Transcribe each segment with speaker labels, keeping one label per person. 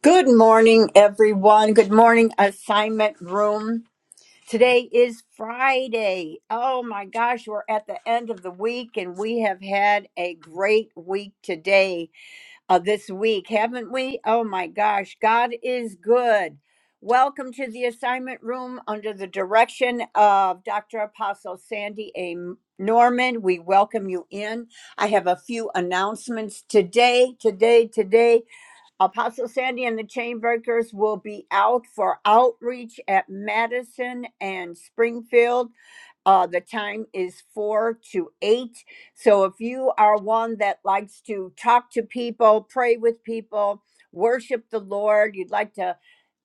Speaker 1: Good morning, everyone. Good morning, assignment room. Today is Friday. Oh my gosh, we're at the end of the week and we have had a great week today, uh, this week, haven't we? Oh my gosh, God is good. Welcome to the assignment room under the direction of Dr. Apostle Sandy A. Norman. We welcome you in. I have a few announcements today, today, today. Apostle Sandy and the Chainbreakers will be out for outreach at Madison and Springfield uh, the time is four to eight. So if you are one that likes to talk to people, pray with people, worship the Lord, you'd like to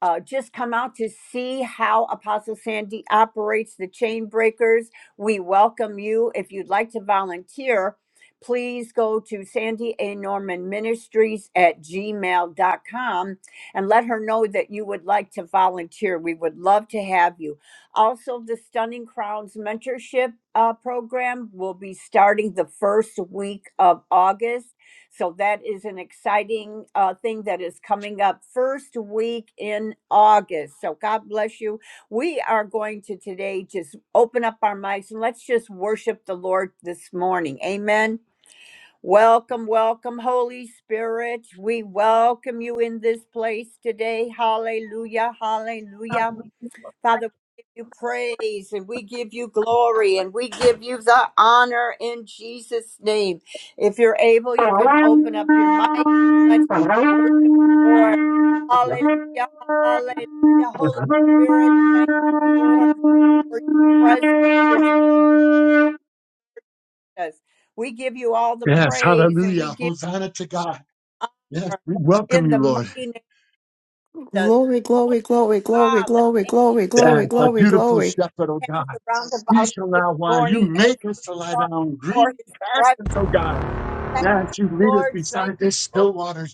Speaker 1: uh, just come out to see how Apostle Sandy operates the chain breakers, we welcome you. If you'd like to volunteer, please go to Sandy A. Norman Ministries at gmail dot com and let her know that you would like to volunteer. We would love to have you. Also, the Stunning Crowns mentorship uh, program will be starting the first week of August. So, that is an exciting uh, thing that is coming up first week in August. So, God bless you. We are going to today just open up our mics and let's just worship the Lord this morning. Amen. Welcome, welcome, Holy Spirit. We welcome you in this place today. Hallelujah, hallelujah. Father, we give you praise and we give you glory and we give you the honor in Jesus' name. If you're able,
Speaker 2: Yes,
Speaker 1: you can open up your mic. Let's worship the Lord. Hallelujah. Hallelujah. Holy Spirit, thank you, Lord, for your presence here today. We give you all the praise and we
Speaker 2: hallelujah.
Speaker 1: give
Speaker 2: Hosanna to God.
Speaker 1: you
Speaker 2: Yes,
Speaker 1: honor
Speaker 2: we welcome
Speaker 1: in the
Speaker 2: you,
Speaker 1: mighty
Speaker 2: Lord.
Speaker 1: name of Jesus.
Speaker 3: Glory,
Speaker 1: Oh
Speaker 3: glory, glory, glory,
Speaker 1: God, let
Speaker 3: glory,
Speaker 1: the
Speaker 3: glory,
Speaker 2: Yes,
Speaker 3: glory,
Speaker 1: angel
Speaker 2: our
Speaker 1: Lord
Speaker 3: glory,
Speaker 2: beautiful
Speaker 3: glory.
Speaker 2: shepherd, oh God.
Speaker 1: camp around
Speaker 2: We
Speaker 1: about us
Speaker 2: shall
Speaker 1: this
Speaker 2: not want. You
Speaker 1: morning as
Speaker 2: make us
Speaker 1: we
Speaker 2: to lie
Speaker 1: come
Speaker 2: down on
Speaker 1: before
Speaker 2: green
Speaker 1: his presence.
Speaker 2: pastures, oh God.
Speaker 1: Thank
Speaker 2: Yes, you
Speaker 1: the
Speaker 2: lead us
Speaker 1: Lord, thank
Speaker 2: beside the
Speaker 1: the Lord.
Speaker 2: still waters.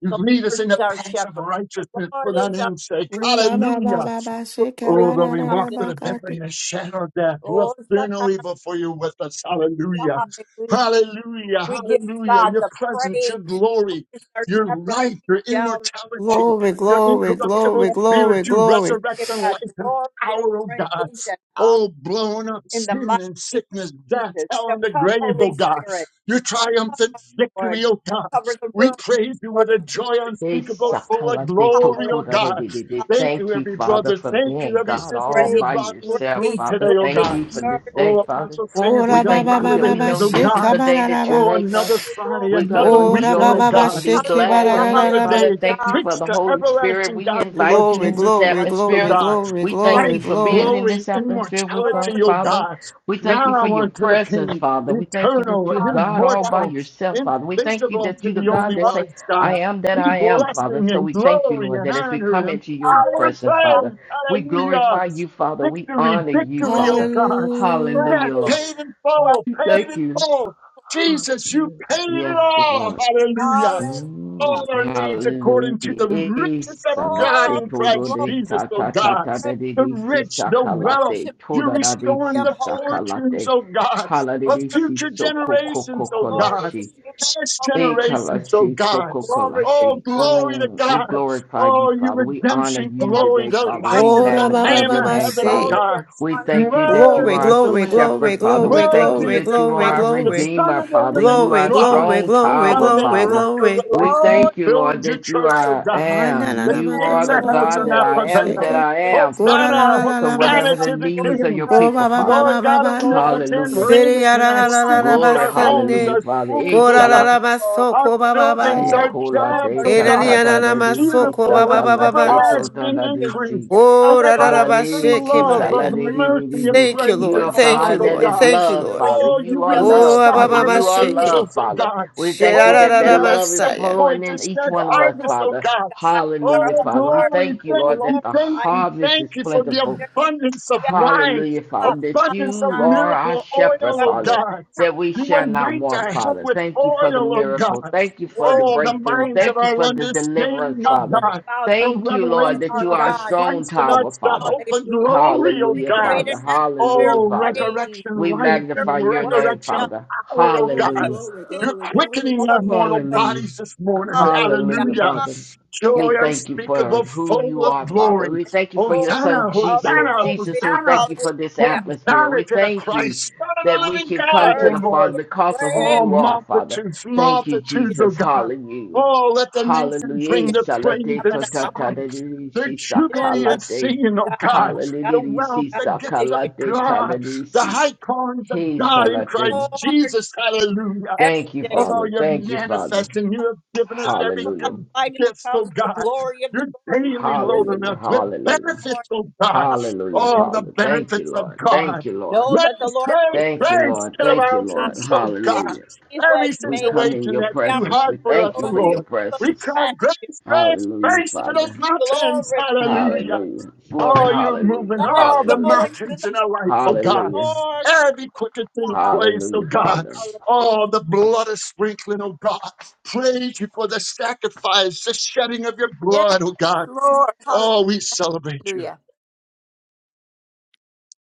Speaker 2: You
Speaker 1: The
Speaker 2: lead us
Speaker 1: Lord
Speaker 2: in
Speaker 1: is
Speaker 2: the
Speaker 1: our
Speaker 2: paths of
Speaker 1: shepherd. The
Speaker 2: righteousness
Speaker 1: Lord
Speaker 2: for thy
Speaker 1: is our
Speaker 2: name's sake.
Speaker 1: shepherd
Speaker 3: Ooh,
Speaker 1: today.
Speaker 3: da, ba, ba,
Speaker 2: Hallelujah.
Speaker 3: ba, ba, shake, ah,
Speaker 1: Glory
Speaker 2: Oh,
Speaker 3: ba,
Speaker 2: though
Speaker 3: da,
Speaker 2: we
Speaker 1: to
Speaker 3: da,
Speaker 1: God.
Speaker 2: walk
Speaker 3: da,
Speaker 2: through
Speaker 3: ba,
Speaker 2: the
Speaker 3: ka, do.
Speaker 2: valley and shadow of death,
Speaker 1: Oh,
Speaker 2: we'll fear no
Speaker 1: Shatanamakia,
Speaker 2: evil for you with us. Hallelujah.
Speaker 1: hallelujah.
Speaker 2: Hallelujah.
Speaker 1: We give
Speaker 2: Hallelujah.
Speaker 1: God
Speaker 2: Your
Speaker 1: the
Speaker 2: presence,
Speaker 1: praise.
Speaker 2: your
Speaker 1: The Lord
Speaker 2: glory,
Speaker 1: is our
Speaker 2: your
Speaker 1: shepherd.
Speaker 2: life,
Speaker 1: We
Speaker 2: your
Speaker 1: shall not
Speaker 2: immortality,
Speaker 1: want
Speaker 3: Glory,
Speaker 2: your
Speaker 1: today.
Speaker 3: glory,
Speaker 1: In the
Speaker 2: incorruptible
Speaker 3: glory,
Speaker 1: name of Jesus,
Speaker 3: glory,
Speaker 2: spirit, your
Speaker 3: glory.
Speaker 1: Give
Speaker 2: resurrection
Speaker 1: God
Speaker 2: life and
Speaker 1: glory and
Speaker 2: power, oh God.
Speaker 1: praise and honor
Speaker 2: Oh, blown up
Speaker 1: in the
Speaker 2: sin
Speaker 1: mighty
Speaker 2: and
Speaker 1: name of
Speaker 2: sickness, death,
Speaker 1: Jesus.
Speaker 2: hell,
Speaker 1: So
Speaker 2: and the
Speaker 1: come,
Speaker 2: grave,
Speaker 1: Holy
Speaker 2: oh God.
Speaker 1: Spirit.
Speaker 2: Your
Speaker 1: Come,
Speaker 2: triumphant victory,
Speaker 1: Lord.
Speaker 2: oh
Speaker 1: We
Speaker 2: God.
Speaker 1: cover the
Speaker 2: We
Speaker 1: room with the
Speaker 2: praise you
Speaker 1: blood
Speaker 2: with a
Speaker 1: of Jesus
Speaker 2: joy
Speaker 1: this
Speaker 4: Hey,
Speaker 2: unspeakable,
Speaker 1: morning.
Speaker 2: full of
Speaker 4: Sakalate
Speaker 2: glory, oh
Speaker 1: Hallelujah.
Speaker 4: Totora de
Speaker 2: God.
Speaker 4: de de de.
Speaker 2: Thank you,
Speaker 4: Thank you,
Speaker 2: every
Speaker 4: Father,
Speaker 2: brother.
Speaker 4: for
Speaker 2: Thank you,
Speaker 4: being
Speaker 2: every
Speaker 4: God
Speaker 2: sister
Speaker 4: all
Speaker 2: you
Speaker 1: Grace,
Speaker 4: by
Speaker 2: brought in this
Speaker 4: yourself,
Speaker 2: room
Speaker 1: grace,
Speaker 4: Father.
Speaker 2: today, oh
Speaker 4: Thank
Speaker 2: God.
Speaker 1: grace,
Speaker 4: you for this
Speaker 1: mercy,
Speaker 4: day,
Speaker 2: Oh,
Speaker 4: Father.
Speaker 2: Apostle Sandy,
Speaker 3: Ooh,
Speaker 4: We
Speaker 3: da,
Speaker 2: the
Speaker 3: ba,
Speaker 4: thank
Speaker 3: ba,
Speaker 1: mercy,
Speaker 4: you
Speaker 3: ba,
Speaker 4: that
Speaker 3: ba,
Speaker 4: we
Speaker 2: moderators,
Speaker 3: ba,
Speaker 4: know
Speaker 2: oh
Speaker 4: this
Speaker 3: shake,
Speaker 4: is
Speaker 3: ah,
Speaker 2: God.
Speaker 4: a
Speaker 3: ba,
Speaker 4: day
Speaker 3: da, da,
Speaker 4: that you
Speaker 3: ba.
Speaker 2: Oh,
Speaker 4: made, Father.
Speaker 2: another Friday,
Speaker 1: glory.
Speaker 4: We're going to
Speaker 2: another
Speaker 3: Ooh, da,
Speaker 2: weekend,
Speaker 3: ba,
Speaker 2: oh
Speaker 3: ba,
Speaker 4: rejoice
Speaker 3: ba,
Speaker 2: God.
Speaker 4: and be
Speaker 3: shake, ah, ba, da,
Speaker 4: glad
Speaker 2: Oh,
Speaker 1: Hallelujah,
Speaker 3: da,
Speaker 4: in
Speaker 3: da,
Speaker 4: it,
Speaker 2: another
Speaker 3: da, ba.
Speaker 2: day
Speaker 4: Father.
Speaker 2: to
Speaker 4: Thank you
Speaker 1: hallelujah.
Speaker 2: preach
Speaker 4: for the
Speaker 2: the
Speaker 4: Holy Spirit.
Speaker 2: everlasting
Speaker 4: We
Speaker 2: gospel of
Speaker 4: invite you
Speaker 3: Glory,
Speaker 4: in
Speaker 2: Jesus
Speaker 4: this
Speaker 3: glory,
Speaker 2: Christ, oh
Speaker 3: glory,
Speaker 4: atmosphere.
Speaker 2: God.
Speaker 3: glory,
Speaker 4: We
Speaker 1: Thank
Speaker 4: thank
Speaker 2: Life,
Speaker 3: glory,
Speaker 1: you
Speaker 4: you for
Speaker 3: glory.
Speaker 1: for
Speaker 4: being in
Speaker 2: glory,
Speaker 4: this atmosphere
Speaker 1: the
Speaker 4: with us,
Speaker 2: immortality,
Speaker 1: word.
Speaker 2: oh
Speaker 4: Father.
Speaker 2: God.
Speaker 4: We thank you for
Speaker 2: Now
Speaker 4: your
Speaker 2: unto the
Speaker 4: presence,
Speaker 2: King,
Speaker 4: Father. We thank you that
Speaker 2: eternal,
Speaker 4: you're God all
Speaker 1: Hallelujah,
Speaker 4: by
Speaker 2: immortal,
Speaker 4: yourself, Father. We thank you
Speaker 2: invisible
Speaker 4: that
Speaker 2: to
Speaker 4: you're the
Speaker 2: the
Speaker 4: God
Speaker 2: only
Speaker 4: that say,
Speaker 2: wise
Speaker 4: I
Speaker 2: God.
Speaker 4: am that
Speaker 2: Be
Speaker 4: I am, Father.
Speaker 2: blessing
Speaker 4: So
Speaker 2: and
Speaker 4: we thank you,
Speaker 2: glory
Speaker 4: Lord,
Speaker 2: and
Speaker 4: that as we
Speaker 2: honor
Speaker 4: come
Speaker 2: and
Speaker 4: into your
Speaker 2: Power and
Speaker 4: presence,
Speaker 1: hallelujah.
Speaker 4: Father,
Speaker 2: praise.
Speaker 4: we
Speaker 2: Hallelujah.
Speaker 4: glorify you, Father. We
Speaker 2: Victory,
Speaker 4: honor you,
Speaker 2: victory, oh
Speaker 4: Father.
Speaker 2: God.
Speaker 3: Hallelujah.
Speaker 2: That
Speaker 4: Hallelujah,
Speaker 1: Praise
Speaker 4: Lord.
Speaker 2: paid in
Speaker 1: you are
Speaker 2: full,
Speaker 1: worthy.
Speaker 2: paid
Speaker 4: Thank
Speaker 2: in
Speaker 4: you.
Speaker 2: full. Jesus, you paid it
Speaker 4: Yes,
Speaker 2: all.
Speaker 4: Lord.
Speaker 2: Hallelujah
Speaker 1: Hallelujah.
Speaker 4: Mm,
Speaker 2: all our needs according to
Speaker 4: Hallelujah.
Speaker 2: the
Speaker 4: Eh,
Speaker 2: riches of God
Speaker 4: salate
Speaker 1: Glory,
Speaker 2: in
Speaker 4: todo
Speaker 2: Christ
Speaker 1: glory,
Speaker 4: de
Speaker 2: Jesus,
Speaker 4: ta
Speaker 2: oh
Speaker 1: glory.
Speaker 4: ta ta
Speaker 2: God.
Speaker 4: ta
Speaker 1: Praise.
Speaker 4: da de
Speaker 2: The
Speaker 4: de si
Speaker 2: rich, the
Speaker 1: We
Speaker 2: wealth.
Speaker 4: sakalate.
Speaker 1: worship
Speaker 2: You're
Speaker 4: Toda
Speaker 1: the
Speaker 4: da de
Speaker 1: beauty
Speaker 2: restoring
Speaker 4: si
Speaker 1: of
Speaker 2: the
Speaker 1: holy
Speaker 2: fortunes,
Speaker 4: sakalate.
Speaker 2: oh God,
Speaker 4: Halade
Speaker 1: word,
Speaker 2: of
Speaker 4: de
Speaker 1: the
Speaker 4: si
Speaker 2: future
Speaker 4: so ko
Speaker 1: word,
Speaker 4: ko ko
Speaker 2: generations, oh
Speaker 4: ko
Speaker 1: Lord,
Speaker 2: God,
Speaker 1: is the
Speaker 4: lashi.
Speaker 1: beauty
Speaker 2: past
Speaker 1: of
Speaker 4: We
Speaker 2: generations, oh
Speaker 4: Ikalashi,
Speaker 2: God.
Speaker 1: glory to
Speaker 2: Oh,
Speaker 4: sokokolashi.
Speaker 1: God.
Speaker 2: glory to
Speaker 4: Mm, We
Speaker 1: Yes,
Speaker 2: God.
Speaker 4: glorify you,
Speaker 2: Oh, you
Speaker 4: Father. We honor
Speaker 2: redemption,
Speaker 4: you
Speaker 1: yes,
Speaker 2: glory,
Speaker 4: today,
Speaker 2: the
Speaker 4: Father.
Speaker 1: my
Speaker 4: We
Speaker 3: Oh
Speaker 2: lion,
Speaker 3: da,
Speaker 2: the
Speaker 3: ba,
Speaker 4: magnify
Speaker 1: God.
Speaker 3: ba,
Speaker 2: lamb
Speaker 3: ba,
Speaker 4: your
Speaker 2: of
Speaker 3: ba,
Speaker 4: name,
Speaker 2: heaven, oh
Speaker 4: Father.
Speaker 3: shake.
Speaker 1: Glory and
Speaker 2: God.
Speaker 4: We
Speaker 1: honor.
Speaker 4: thank you that you
Speaker 3: Glory,
Speaker 2: Worthy
Speaker 4: are our
Speaker 2: is the
Speaker 3: glory,
Speaker 2: lamb.
Speaker 3: glory,
Speaker 4: shepherd, Father. We
Speaker 3: glory,
Speaker 4: thank you
Speaker 2: Worthy
Speaker 3: glory,
Speaker 2: is
Speaker 4: that
Speaker 2: the
Speaker 4: you are
Speaker 3: glory,
Speaker 4: our
Speaker 2: Christ, the
Speaker 3: glory.
Speaker 2: son
Speaker 4: redeemer,
Speaker 2: of
Speaker 4: Father.
Speaker 2: the living
Speaker 4: You are
Speaker 3: Glory,
Speaker 4: a
Speaker 2: God
Speaker 3: glory,
Speaker 4: strong
Speaker 3: glory,
Speaker 4: tower,
Speaker 2: on that
Speaker 3: glory,
Speaker 4: Father.
Speaker 2: rock of
Speaker 3: glory.
Speaker 4: We
Speaker 2: revelation.
Speaker 1: Oh,
Speaker 2: You
Speaker 4: thank you, Lord,
Speaker 2: build your
Speaker 4: that you
Speaker 2: church,
Speaker 1: my
Speaker 2: oh
Speaker 4: are I
Speaker 2: God.
Speaker 3: Hana la
Speaker 4: am.
Speaker 2: The
Speaker 3: la ba
Speaker 4: You
Speaker 3: ka
Speaker 1: God,
Speaker 2: gates
Speaker 4: are the
Speaker 3: ma
Speaker 2: of
Speaker 3: do
Speaker 2: hell
Speaker 3: ro
Speaker 1: Lord,
Speaker 4: God
Speaker 2: shall
Speaker 1: we
Speaker 3: bo
Speaker 4: that
Speaker 3: ko
Speaker 2: not
Speaker 1: will
Speaker 4: I
Speaker 3: she
Speaker 4: am, that
Speaker 2: prevail.
Speaker 1: exalt
Speaker 3: ke.
Speaker 4: I
Speaker 1: you.
Speaker 4: am,
Speaker 3: Go ra
Speaker 4: Father.
Speaker 3: la
Speaker 2: Hosanna,
Speaker 3: la la
Speaker 4: So
Speaker 3: la
Speaker 1: Hallelujah.
Speaker 3: ba
Speaker 1: We
Speaker 4: whatever
Speaker 2: Hosanna
Speaker 3: sa.
Speaker 4: the
Speaker 1: come
Speaker 2: to the
Speaker 1: before
Speaker 4: needs
Speaker 1: your
Speaker 4: of
Speaker 2: King.
Speaker 4: your
Speaker 3: Go
Speaker 4: people,
Speaker 3: ba
Speaker 1: presence,
Speaker 3: ba ba
Speaker 4: Father.
Speaker 2: Lord
Speaker 3: ba ba
Speaker 2: God
Speaker 3: ba.
Speaker 1: Lord.
Speaker 2: omnipotent,
Speaker 1: Bless
Speaker 4: Hallelujah.
Speaker 3: Siri
Speaker 2: reigneth
Speaker 3: ya
Speaker 2: in
Speaker 3: la
Speaker 2: our
Speaker 3: la
Speaker 1: you.
Speaker 3: la la la
Speaker 2: cities,
Speaker 3: ba
Speaker 4: Glory,
Speaker 2: our
Speaker 1: Hallelujah,
Speaker 2: homes,
Speaker 3: sande.
Speaker 4: hallelujah,
Speaker 2: our schools,
Speaker 3: Go
Speaker 2: oh
Speaker 3: ra la
Speaker 4: Father.
Speaker 3: la
Speaker 2: God,
Speaker 3: ba
Speaker 1: Lord.
Speaker 3: so
Speaker 2: our
Speaker 3: ko ba ba ba
Speaker 2: buildings, our
Speaker 1: All
Speaker 3: ye.
Speaker 1: the
Speaker 4: Hikola
Speaker 2: jobs,
Speaker 4: de
Speaker 1: Lord.
Speaker 2: oh
Speaker 3: E na ni
Speaker 4: tata
Speaker 2: God.
Speaker 3: ya
Speaker 4: da
Speaker 3: na na
Speaker 4: da
Speaker 3: ma
Speaker 4: di
Speaker 3: so
Speaker 4: si
Speaker 3: ko ba
Speaker 2: Beautiful
Speaker 1: Hallelujah.
Speaker 3: ba
Speaker 2: and
Speaker 3: ba
Speaker 4: sakala
Speaker 3: ba ba.
Speaker 4: de
Speaker 1: All
Speaker 3: sa.
Speaker 4: tota
Speaker 2: everlasting
Speaker 4: da di
Speaker 1: nations
Speaker 2: increase,
Speaker 4: si.
Speaker 1: shall
Speaker 2: and
Speaker 1: come
Speaker 3: Go ra la la ba
Speaker 2: everlasting
Speaker 3: she
Speaker 4: Hallelujah,
Speaker 3: ke
Speaker 4: she
Speaker 2: love
Speaker 1: before
Speaker 3: ba
Speaker 2: of
Speaker 4: sala
Speaker 3: ya.
Speaker 1: you,
Speaker 4: de
Speaker 1: Lord.
Speaker 4: di di
Speaker 2: mercy
Speaker 4: di
Speaker 2: and
Speaker 4: di.
Speaker 3: Thank you,
Speaker 2: praise
Speaker 4: You
Speaker 3: Lord.
Speaker 4: are
Speaker 2: and
Speaker 3: Thank
Speaker 2: song,
Speaker 1: Oh,
Speaker 3: you,
Speaker 4: God
Speaker 1: we
Speaker 2: oh
Speaker 4: that
Speaker 3: Lord.
Speaker 1: worship
Speaker 4: is
Speaker 2: God.
Speaker 3: Thank you,
Speaker 4: love,
Speaker 1: you
Speaker 3: Lord.
Speaker 1: in
Speaker 4: Father.
Speaker 1: the
Speaker 2: Oh,
Speaker 1: beauty
Speaker 2: you
Speaker 4: You are
Speaker 1: of
Speaker 2: release
Speaker 3: Oh,
Speaker 4: love,
Speaker 2: the
Speaker 3: Abba
Speaker 1: your
Speaker 4: Father.
Speaker 3: Mama
Speaker 4: You
Speaker 1: holiness.
Speaker 2: harvest
Speaker 4: are
Speaker 1: We exalt
Speaker 3: Sheke.
Speaker 4: love,
Speaker 2: angels,
Speaker 1: you.
Speaker 2: oh
Speaker 4: Father.
Speaker 2: God.
Speaker 4: We thank you
Speaker 2: Oh,
Speaker 4: that
Speaker 2: we
Speaker 4: that
Speaker 3: Shirarara
Speaker 2: have a
Speaker 4: love is
Speaker 2: set
Speaker 3: Masaya.
Speaker 4: flowing
Speaker 2: point, a
Speaker 4: in each
Speaker 2: set
Speaker 4: one of us,
Speaker 1: Oh, Lord,
Speaker 2: harvest, oh
Speaker 4: Father.
Speaker 1: our
Speaker 2: God.
Speaker 1: God, with our
Speaker 4: Hallelujah,
Speaker 2: Oh,
Speaker 1: whole
Speaker 4: Father. We
Speaker 1: heart
Speaker 2: glory.
Speaker 4: thank you,
Speaker 1: will
Speaker 2: Thank
Speaker 4: Lord,
Speaker 2: you,
Speaker 4: that the
Speaker 2: thank
Speaker 1: glorify
Speaker 2: you,
Speaker 4: harvest
Speaker 2: thank
Speaker 4: is
Speaker 2: you for the
Speaker 4: plentiful.
Speaker 1: you.
Speaker 2: abundance of
Speaker 1: Yes,
Speaker 2: wine,
Speaker 4: Hallelujah, Father, that
Speaker 2: abundance of
Speaker 4: you
Speaker 1: God.
Speaker 4: are our
Speaker 2: miracle oil,
Speaker 1: You
Speaker 4: shepherd,
Speaker 1: are
Speaker 2: oh
Speaker 4: Father,
Speaker 1: the kind
Speaker 2: God.
Speaker 4: that we
Speaker 2: You
Speaker 4: shall
Speaker 1: God.
Speaker 4: not
Speaker 2: anoint
Speaker 4: want,
Speaker 2: our head
Speaker 4: Father.
Speaker 2: with
Speaker 4: Thank you for
Speaker 1: Just
Speaker 4: the
Speaker 2: oil, oh
Speaker 4: miracle.
Speaker 2: God.
Speaker 4: Thank you for the
Speaker 1: worship
Speaker 2: Oh, the
Speaker 1: the
Speaker 4: breakthrough.
Speaker 2: minds
Speaker 1: Lord.
Speaker 2: of
Speaker 4: Thank you
Speaker 2: our
Speaker 4: for the
Speaker 2: understanding,
Speaker 4: deliverance,
Speaker 2: oh
Speaker 1: Come and
Speaker 4: Father.
Speaker 1: we
Speaker 2: God.
Speaker 1: bow down
Speaker 2: The
Speaker 4: Thank you, Lord,
Speaker 1: before
Speaker 4: that
Speaker 2: revelation
Speaker 1: our
Speaker 4: you
Speaker 2: of
Speaker 4: are a
Speaker 2: the
Speaker 1: God.
Speaker 4: strong
Speaker 2: Christ in
Speaker 1: Lord,
Speaker 4: tower,
Speaker 2: us, the
Speaker 4: Father.
Speaker 2: hope and
Speaker 1: hallelujah.
Speaker 2: glory, oh
Speaker 1: We
Speaker 4: Hallelujah,
Speaker 2: God.
Speaker 1: create an
Speaker 4: Father.
Speaker 1: atmosphere of
Speaker 4: Hallelujah,
Speaker 2: Oh,
Speaker 4: Father.
Speaker 1: praise,
Speaker 2: resurrection
Speaker 4: We
Speaker 2: life and
Speaker 1: spirit
Speaker 4: magnify
Speaker 1: of
Speaker 4: your name,
Speaker 1: worship
Speaker 2: resurrection
Speaker 4: Father.
Speaker 2: power,
Speaker 1: to
Speaker 2: oh
Speaker 1: the
Speaker 3: Glory,
Speaker 1: King
Speaker 4: Hallelujah.
Speaker 2: God.
Speaker 1: of
Speaker 3: glory,
Speaker 1: Kings
Speaker 2: You're
Speaker 3: glory,
Speaker 1: and
Speaker 3: glory,
Speaker 1: the
Speaker 2: quickening
Speaker 1: Lord
Speaker 2: our
Speaker 1: of
Speaker 3: glory.
Speaker 2: mortal
Speaker 1: Lords.
Speaker 4: Hallelujah.
Speaker 2: bodies this morning.
Speaker 1: Hallelujah.
Speaker 4: Hallelujah,
Speaker 2: Hallelujah.
Speaker 4: Father.
Speaker 1: Hallelujah.
Speaker 4: We
Speaker 2: Joy
Speaker 4: thank you for
Speaker 2: unspeakable,
Speaker 4: who
Speaker 2: full
Speaker 4: you
Speaker 2: of
Speaker 4: are, Father.
Speaker 2: glory.
Speaker 4: We
Speaker 1: And
Speaker 4: thank you for your
Speaker 1: full
Speaker 4: son,
Speaker 2: Hosanna,
Speaker 1: of
Speaker 4: Jesus.
Speaker 2: Hosanna,
Speaker 4: Jesus,
Speaker 1: glory.
Speaker 4: we
Speaker 2: Hosanna.
Speaker 4: thank you for this
Speaker 1: Hallelujah.
Speaker 4: atmosphere. We
Speaker 2: Hosanna to the
Speaker 4: thank you
Speaker 2: Christ, Son of
Speaker 4: that
Speaker 2: the
Speaker 4: we
Speaker 2: living
Speaker 4: can come
Speaker 2: God,
Speaker 4: to
Speaker 2: O
Speaker 1: Mercy
Speaker 4: the
Speaker 2: Lord.
Speaker 4: Father
Speaker 1: and
Speaker 4: because of who
Speaker 1: grace.
Speaker 2: Oh,
Speaker 4: you are, Father.
Speaker 2: multitudes,
Speaker 4: Thank you,
Speaker 2: multitudes, oh
Speaker 4: Jesus.
Speaker 2: God.
Speaker 4: Hallelujah.
Speaker 2: Oh, let the nations bring
Speaker 4: Hallelujah.
Speaker 2: their praise
Speaker 4: Salate
Speaker 2: and
Speaker 4: to ta ta
Speaker 2: song,
Speaker 4: da di di
Speaker 2: their
Speaker 4: shi sa
Speaker 1: Yes,
Speaker 4: ka
Speaker 2: jubilee
Speaker 4: la
Speaker 2: and
Speaker 4: te.
Speaker 2: singing, oh
Speaker 1: God,
Speaker 2: God,
Speaker 1: God,
Speaker 2: the
Speaker 4: Hallelujah.
Speaker 2: wealth,
Speaker 4: Shi
Speaker 1: God.
Speaker 2: the
Speaker 4: sa
Speaker 2: gifts of
Speaker 1: Yes,
Speaker 2: God, the
Speaker 4: si.
Speaker 2: high callings of
Speaker 4: He
Speaker 2: God in
Speaker 4: salate.
Speaker 2: Christ
Speaker 1: Lord.
Speaker 2: Jesus. Hallelujah.
Speaker 4: Thank you,
Speaker 1: Every day.
Speaker 2: Oh,
Speaker 4: Father.
Speaker 2: you're
Speaker 4: Thank you, Father.
Speaker 2: manifesting. You have given us
Speaker 1: shine,
Speaker 2: every
Speaker 1: for thy
Speaker 4: Hallelujah.
Speaker 2: good
Speaker 1: light is
Speaker 2: gift,
Speaker 1: come,
Speaker 2: oh
Speaker 1: and the
Speaker 2: God.
Speaker 1: glory of the
Speaker 2: You're
Speaker 1: Lord
Speaker 2: daily
Speaker 1: is risen
Speaker 2: loading
Speaker 4: Hallelujah.
Speaker 2: us with
Speaker 4: Hallelujah.
Speaker 1: upon
Speaker 2: benefits, oh God.
Speaker 1: us.
Speaker 4: Hallelujah,
Speaker 1: Hallelujah.
Speaker 2: All the
Speaker 4: Father. Thank you,
Speaker 2: benefits of
Speaker 4: Lord.
Speaker 2: God.
Speaker 4: Thank you, Lord.
Speaker 1: Know
Speaker 2: Right
Speaker 1: that the Lord
Speaker 2: Praise,
Speaker 4: Thank
Speaker 1: himself
Speaker 4: you,
Speaker 2: praise to
Speaker 4: Lord.
Speaker 2: the
Speaker 1: is
Speaker 4: Thank you,
Speaker 1: God.
Speaker 4: Lord.
Speaker 2: mountains, oh
Speaker 1: It
Speaker 2: God.
Speaker 4: Hallelujah.
Speaker 1: is he who has
Speaker 2: Every
Speaker 4: We
Speaker 1: made us.
Speaker 4: come in
Speaker 2: situation
Speaker 4: your
Speaker 2: that's
Speaker 1: We are
Speaker 2: too
Speaker 4: presence. We
Speaker 2: hard for us,
Speaker 4: thank you
Speaker 2: oh
Speaker 1: the
Speaker 4: for
Speaker 1: and the
Speaker 4: your
Speaker 2: Lord.
Speaker 1: sheep of his
Speaker 2: We
Speaker 4: presence.
Speaker 2: cry, grace,
Speaker 1: pasture.
Speaker 2: grace,
Speaker 4: Hallelujah,
Speaker 2: grace
Speaker 1: We
Speaker 2: to
Speaker 1: give you
Speaker 2: those
Speaker 4: Father.
Speaker 2: mountains.
Speaker 1: glory.
Speaker 2: Hallelujah.
Speaker 4: Hallelujah. Glory,
Speaker 2: Oh, you're moving
Speaker 4: hallelujah.
Speaker 1: Let us
Speaker 2: all the
Speaker 1: go
Speaker 4: Hallelujah.
Speaker 1: into
Speaker 2: mountains in
Speaker 1: the
Speaker 2: our life, oh God.
Speaker 4: Hallelujah.
Speaker 1: Lord.
Speaker 2: Every crooked thing,
Speaker 1: Hallelujah.
Speaker 2: praise, oh
Speaker 4: Hallelujah,
Speaker 2: God.
Speaker 4: Father.
Speaker 2: Oh,
Speaker 1: Hallelujah.
Speaker 2: the blood is sprinkling, oh God. Praise you for the sacrifice, the shedding of your
Speaker 1: Yes,
Speaker 2: blood, oh God.
Speaker 1: Lord.
Speaker 2: Oh, we celebrate you.
Speaker 1: Hallelujah.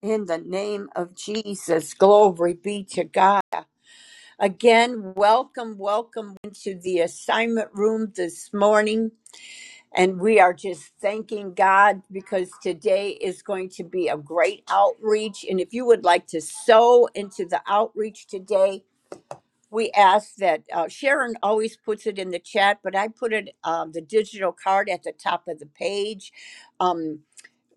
Speaker 1: In the name of Jesus, glory be to God. Again, welcome, welcome into the assignment room this morning. And we are just thanking God because today is going to be a great outreach. And if you would like to sow into the outreach today, we ask that uh, Sharon always puts it in the chat, but I put it um, the digital card at the top of the page. Um,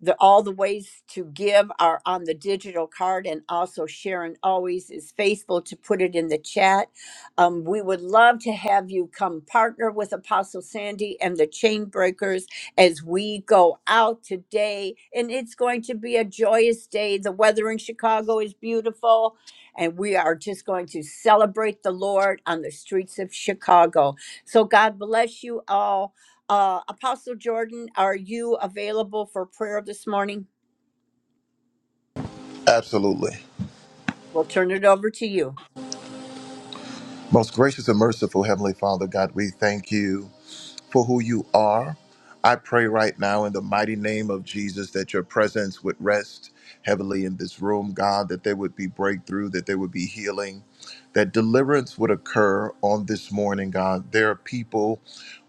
Speaker 1: the, all the ways to give are on the digital card and also sharon always is faithful to put it in the chat um, we would love to have you come partner with apostle sandy and the chain breakers as we go out today and it's going to be a joyous day the weather in chicago is beautiful and we are just going to celebrate the lord on the streets of chicago so god bless you all uh, Apostle Jordan, are you available for prayer this morning?
Speaker 5: Absolutely.
Speaker 1: We'll turn it over to you.
Speaker 5: Most gracious and merciful Heavenly Father, God, we thank you for who you are. I pray right now in the mighty name of Jesus that your presence would rest heavily in this room, God, that there would be breakthrough, that there would be healing, that deliverance would occur on this morning, God. There are people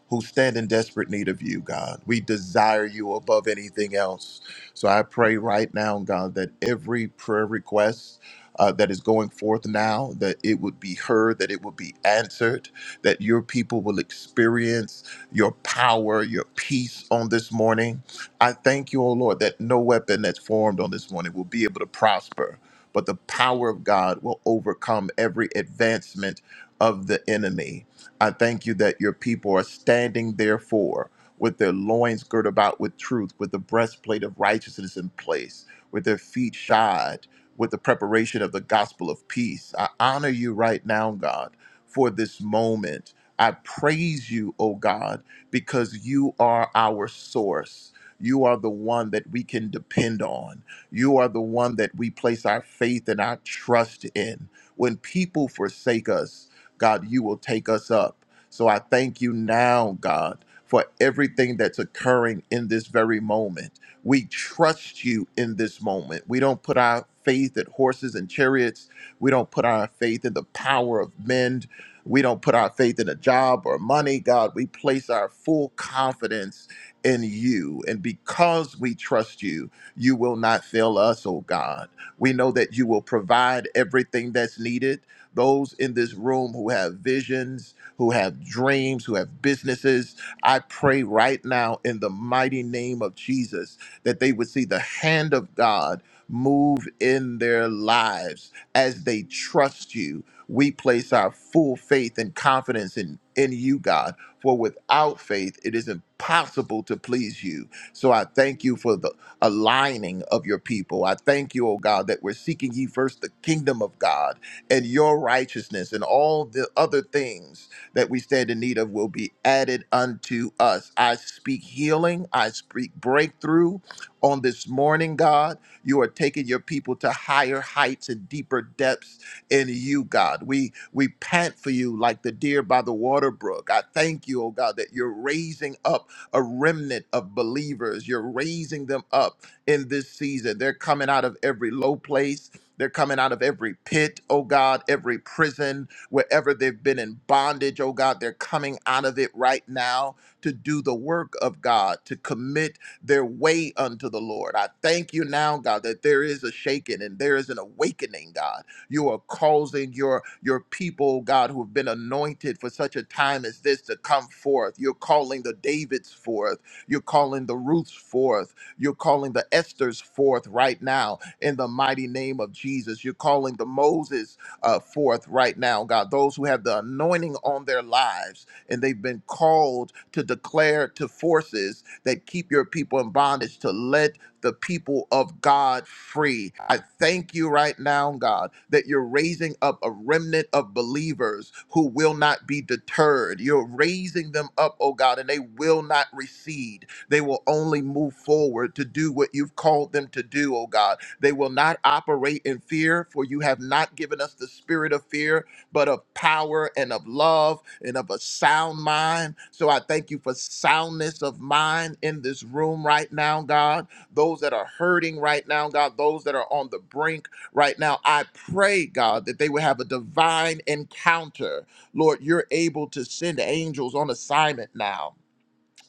Speaker 5: who stand in desperate need of you, God. We desire you above anything else. So I pray right now, God, that every prayer request uh, that is going forth now, that it would be heard, that it would be answered, that your people will experience your power, your peace on this morning. I thank you, O Lord, that no weapon that's formed on this morning will be able to prosper, but the power of God will overcome every advancement of the enemy. I thank you that your people are standing therefore with their loins girt about with truth, with the breastplate of righteousness in place, with their feet shod, with the preparation of the gospel of peace. I honor you right now, God, for this moment. I praise you, O God, because you are our source. You are the one that we can depend on. You are the one that we place our faith and our trust in. When people forsake us, God, you will take us up. So I thank you now, God, for everything that's occurring in this very moment. We trust you in this moment. We don't put our faith in horses and chariots. We don't put our faith in the power of men. We don't put our faith in a job or money, God. We place our full confidence in you. And because we trust you, you will not fail us, oh God. We know that you will provide everything that's needed those in this room who have visions, who have dreams, who have businesses. I pray right now in the mighty name of Jesus that they would see the hand of God move in their lives as they trust you. We place our full faith and confidence in, in you, God, for without faith, it is impossible to please you. So I thank you for the aligning of your people. I thank you, oh God, that we're seeking ye first the kingdom of God and your righteousness and all the other things that we stand in need of will be added unto us. I speak healing. I speak breakthrough on this morning, God. You are taking your people to higher heights and deeper depths in you, God. We we pant for you like the deer by the water brook. I thank you, oh God, that you're raising up a remnant of believers. You're raising them up in this season. They're coming out of every low place they're coming out of every pit, oh God, every prison, wherever they've been in bondage, oh God. They're coming out of it right now to do the work of God, to commit their way unto the Lord. I thank you now, God, that there is a shaking and there is an awakening, God. You are causing your your people, God, who have been anointed for such a time as this to come forth. You're calling the Davids forth. You're calling the Ruths forth. You're calling the Esthers forth right now in the mighty name of Jesus. You're calling the Moses uh, forth right now, God, those who have the anointing on their lives and they've been called to declare to forces that keep your people in bondage to let the people of God free. I thank you right now, God, that you're raising up a remnant of believers who will not be deterred. You're raising them up, oh God, and they will not recede. They will only move forward to do what you've called them to do, oh God. They will not operate in fear, for you have not given us the spirit of fear, but of power and of love and of a sound mind. So I thank you for soundness of mind in this room right now, God. Those that are hurting right now, God, those that are on the brink right now, I pray, God, that they would have a divine encounter. Lord, you're able to send angels on assignment now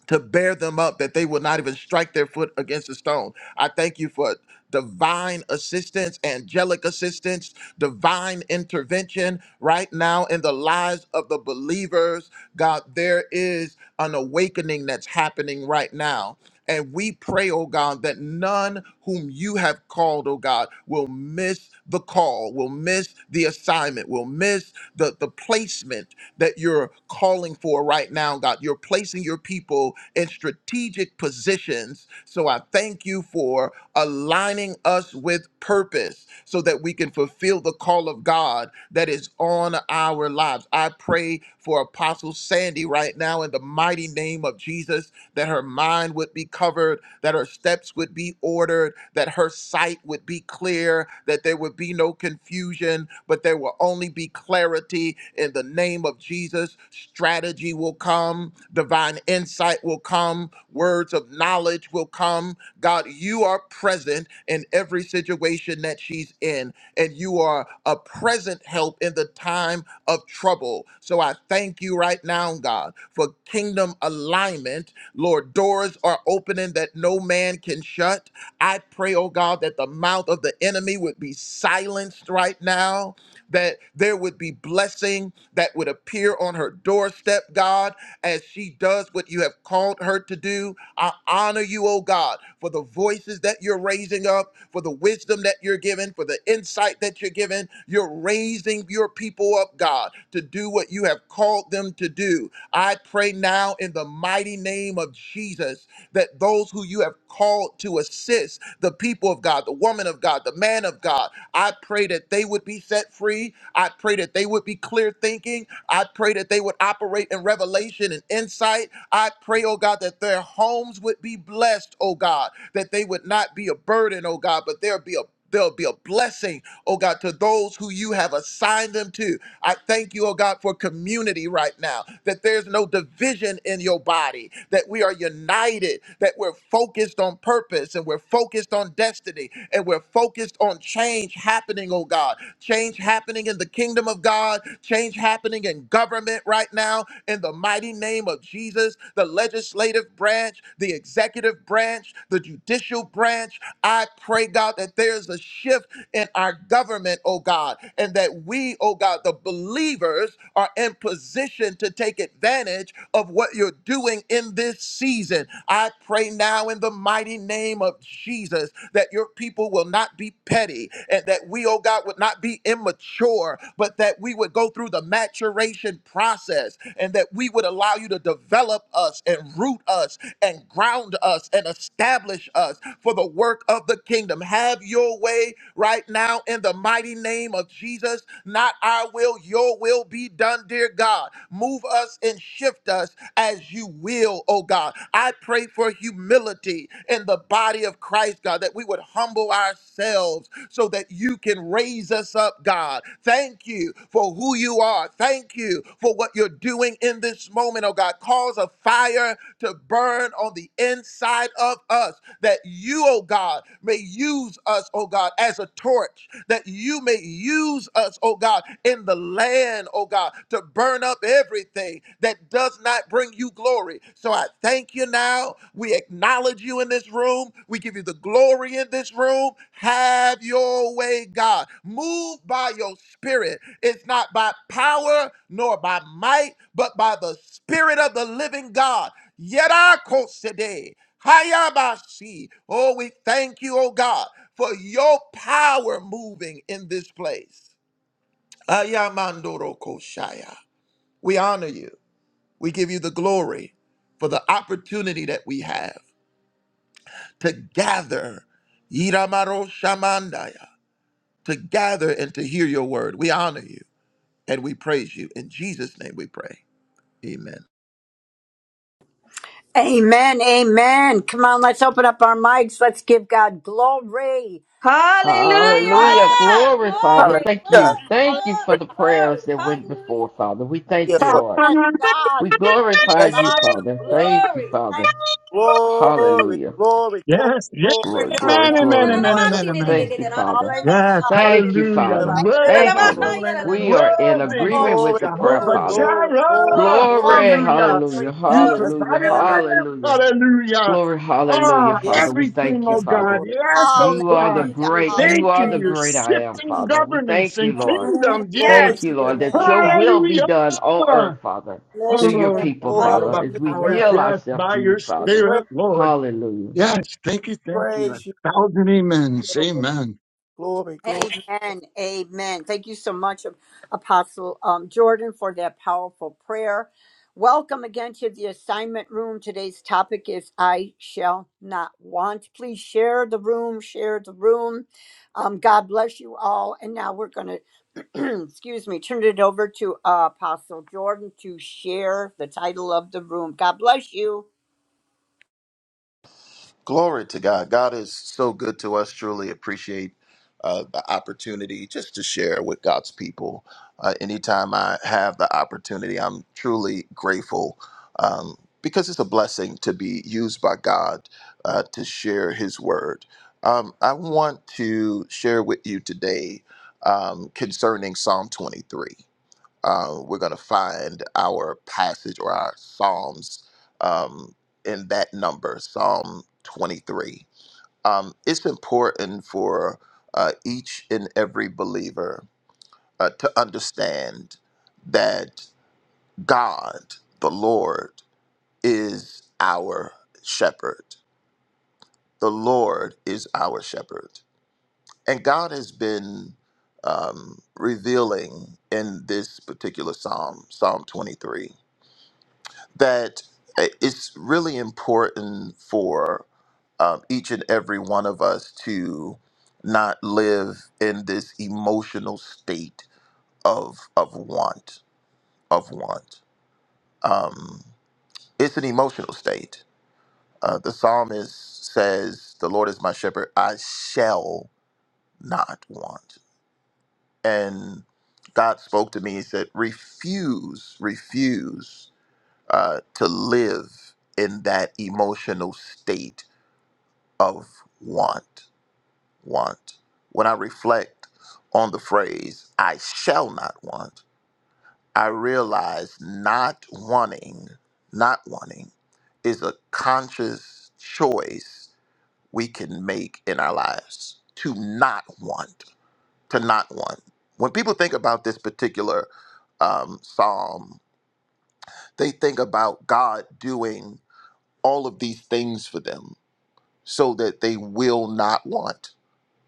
Speaker 5: to bear them up that they will not even strike their foot against a stone. I thank you for divine assistance, angelic assistance, divine intervention right now in the lives of the believers. God, there is an awakening that's happening right now. And we pray, oh God, that none whom you have called, oh God, will miss the call, will miss the assignment, will miss the, the placement that you're calling for right now, God. You're placing your people in strategic positions. So I thank you for aligning us with purpose so that we can fulfill the call of God that is on our lives. I pray for Apostle Sandy right now in the mighty name of Jesus that her mind would be covered that her steps would be ordered, that her sight would be clear, that there would be no confusion, but there will only be clarity in the name of Jesus. Strategy will come, divine insight will come, words of knowledge will come. God, you are present in every situation that she's in, and you are a present help in the time of trouble. So I thank you right now, God, for kingdom alignment Lord, doors are opening that no man can shut. I pray, oh God, that the mouth of the enemy would be silenced right now, that there would be blessing that would appear on her doorstep, God, as she does what you have called her to do. I honor you, oh God, for the voices that you're raising up, for the wisdom that you're giving, for the insight that you're giving. You're raising your people up, God, to do what you have called them to do. I pray now in the mighty name of Jesus that those who you have called to assist the people of God, the woman of God, the man of God, I pray that they would be set free. I pray that they would be clear thinking. I pray that they would operate in revelation and insight. I pray, oh God, that their homes would be blessed, oh God, that they would not be a burden, oh God, but there'll be a There'll be a blessing, oh God, to those who you have assigned them to. I thank you, oh God, for community right now, that there's no division in your body, that we are united, that we're focused on purpose and we're focused on destiny and we're focused on change happening, oh God, change happening happening in the kingdom of God, change happening in government right now in the mighty name of Jesus, the legislative branch, the executive branch, the judicial branch. I pray, God, that there's a shift in our government, oh God, and that we, oh God, the believers are in position to take advantage of what you're doing in this season. I pray now in the mighty mighty name of Jesus, that your people will not be petty and that we, oh God, would not be immature, but that we would go through the maturation process and that we would allow you to develop us and root us and ground us and establish us for the work of the kingdom. Have your way right now in the mighty name of Jesus. Not our will, your will be done, dear God. God. Move us and shift us as you will, oh God. I pray for humility in the body of Christ, God, that we would humble ourselves so that you can raise us up, God. Thank you for who you are. Thank you for what you're doing in this moment, oh God. Cause a fire to burn on the inside of us that you, oh God, may use us, oh God oh God, as a torch, that you may use us, oh God, in the land, oh God, to burn up everything that does not bring you glory. So I thank you now. We acknowledge you in this room. We give you the glory in this room. Have your way, God. Move by your spirit. It's not by power nor by might, but by the spirit of the living God. Yet I quote today. Hayabasi. Oh, we thank you, oh God for your power moving in this place. Ayamandoro Koshaya. We honor you. We give you the glory for the opportunity that we have to gather. Yiramaro Shamandaya. To gather and to hear your word. We honor you and we praise you. In Jesus' name we pray. Amen.
Speaker 1: Amen. Amen. Come on, let's open up our mics. Let's give God glory
Speaker 6: Hallelujah!
Speaker 1: so much,
Speaker 4: Hallelujah.
Speaker 1: Apostle
Speaker 4: Glory,
Speaker 1: Jordan.
Speaker 4: Father.
Speaker 7: Hallelujah.
Speaker 6: Glory,
Speaker 4: Thank you.
Speaker 6: glory,
Speaker 1: Hallelujah,
Speaker 4: Thank you for
Speaker 7: Glory to
Speaker 6: glory,
Speaker 4: the
Speaker 6: glory.
Speaker 4: prayers that went before,
Speaker 6: Hallelujah.
Speaker 4: Father. We
Speaker 7: you,
Speaker 4: thank you,
Speaker 7: Lord.
Speaker 4: Lord.
Speaker 1: God,
Speaker 4: We
Speaker 1: thank you,
Speaker 4: glorify
Speaker 7: Bless
Speaker 4: you,
Speaker 7: you.
Speaker 1: Father.
Speaker 4: Father.
Speaker 1: We
Speaker 4: Thank you,
Speaker 6: Glory.
Speaker 1: thank
Speaker 4: Father.
Speaker 1: you
Speaker 7: Glory,
Speaker 4: Hallelujah.
Speaker 7: glory, glory,
Speaker 2: Yes. Yes.
Speaker 1: for
Speaker 4: Glory,
Speaker 7: glory.
Speaker 1: your
Speaker 4: glory,
Speaker 2: Amen.
Speaker 1: anointing.
Speaker 2: Amen.
Speaker 4: glory.
Speaker 2: Amen. Amen.
Speaker 7: Wonderful,
Speaker 2: Amen.
Speaker 4: Thank you, Father.
Speaker 1: Hallelujah.
Speaker 2: Yes.
Speaker 4: Thank you,
Speaker 2: Hallelujah.
Speaker 7: dear Lord.
Speaker 4: Father.
Speaker 1: Thank you,
Speaker 4: Thank
Speaker 2: Worthy
Speaker 4: you,
Speaker 2: is the
Speaker 4: Father.
Speaker 2: Lamb.
Speaker 4: We are in
Speaker 2: Worthy.
Speaker 1: Lord
Speaker 4: agreement
Speaker 1: Jesus.
Speaker 4: with the
Speaker 7: Glory,
Speaker 4: prayer,
Speaker 7: glory,
Speaker 2: Jehovah
Speaker 6: Glory.
Speaker 4: Father.
Speaker 7: glory, glory,
Speaker 2: Jireh.
Speaker 6: Glory to
Speaker 7: glory.
Speaker 4: Glory,
Speaker 6: your
Speaker 1: Glory,
Speaker 6: name, O
Speaker 2: Hallelujah.
Speaker 6: Lord.
Speaker 1: glory,
Speaker 4: hallelujah,
Speaker 1: glory.
Speaker 2: You
Speaker 6: Glory.
Speaker 7: That's
Speaker 4: hallelujah,
Speaker 7: the
Speaker 2: provided a
Speaker 7: name of
Speaker 2: lamb.
Speaker 4: hallelujah.
Speaker 2: Hallelujah.
Speaker 4: Glory, hallelujah,
Speaker 2: Ah,
Speaker 4: Father.
Speaker 7: yes,
Speaker 4: We
Speaker 7: Lord.
Speaker 2: everything,
Speaker 4: thank you,
Speaker 2: oh
Speaker 7: Yes,
Speaker 2: God.
Speaker 4: Father.
Speaker 7: Lord.
Speaker 2: Yes, oh
Speaker 4: You are the
Speaker 2: God.
Speaker 6: Thank you. We
Speaker 4: great,
Speaker 1: Hallelujah.
Speaker 6: bless
Speaker 4: you
Speaker 7: That's
Speaker 2: Thank
Speaker 4: are
Speaker 2: you.
Speaker 7: the
Speaker 4: the
Speaker 6: your name.
Speaker 2: You're
Speaker 4: great I
Speaker 7: name
Speaker 4: am,
Speaker 7: of
Speaker 2: shifting
Speaker 7: Jesus.
Speaker 4: Father. We
Speaker 2: governments
Speaker 4: thank you,
Speaker 2: and
Speaker 4: Lord.
Speaker 2: kingdoms.
Speaker 7: Glory
Speaker 4: Thank
Speaker 2: Yes.
Speaker 4: you,
Speaker 7: to your
Speaker 4: Lord, that
Speaker 7: name,
Speaker 4: your
Speaker 7: God.
Speaker 4: will be
Speaker 2: Hallelujah.
Speaker 4: done on earth, Father, through
Speaker 6: Bless your
Speaker 4: your
Speaker 6: name.
Speaker 2: Oh, I
Speaker 4: people,
Speaker 7: Oh,
Speaker 2: might know
Speaker 4: Father,
Speaker 2: about
Speaker 4: as we
Speaker 2: powers.
Speaker 6: Hallelujah.
Speaker 7: hallelujah.
Speaker 4: yield
Speaker 2: Yes,
Speaker 4: ourselves
Speaker 2: by
Speaker 4: to you,
Speaker 2: your
Speaker 7: We
Speaker 4: Father.
Speaker 7: pray,
Speaker 2: spirit, Lord.
Speaker 4: Hallelujah.
Speaker 2: Yes, thank you, thank you.
Speaker 7: praise you,
Speaker 2: A thousand amens.
Speaker 7: Lord.
Speaker 2: Amen.
Speaker 7: glory. glory.
Speaker 1: Amen. Amen. Thank you so much, Apostle um, Jordan, for that powerful prayer. Welcome again to the assignment room. Today's topic is I shall not want. Please share the room, share the room. Um, God bless you all. And now we're going to, excuse me, turn it over to uh, Apostle Jordan to share the title of the room. God bless you.
Speaker 5: Glory to God. God is so good to us. Truly appreciate uh, the opportunity just to share with God's people. Uh, anytime I have the opportunity, I'm truly grateful um, because it's a blessing to be used by God uh, to share His word. Um, I want to share with you today um, concerning Psalm 23 uh, we're going to find our passage or our Psalms um, in that number, Psalm 23. Um, it's important for uh, each and every believer uh, to understand that God, the Lord, is our shepherd. The Lord is our shepherd. And God has been um, revealing in this particular psalm, Psalm 23 that uh, it's really important for um, each and every one of us to not live in this emotional state of of want of want. Um, it's an emotional state. Uh, the psalmist says, "The Lord is my shepherd; I shall not want." And God spoke to me. He said, "Refuse, refuse uh, to live in that emotional state of want, want. When I reflect on the phrase, I shall not want, I realize not wanting, not wanting is a conscious choice we can make in our lives to not want, to not want. When people think about this particular um, psalm, they think about God doing all of these things for them so that they will not want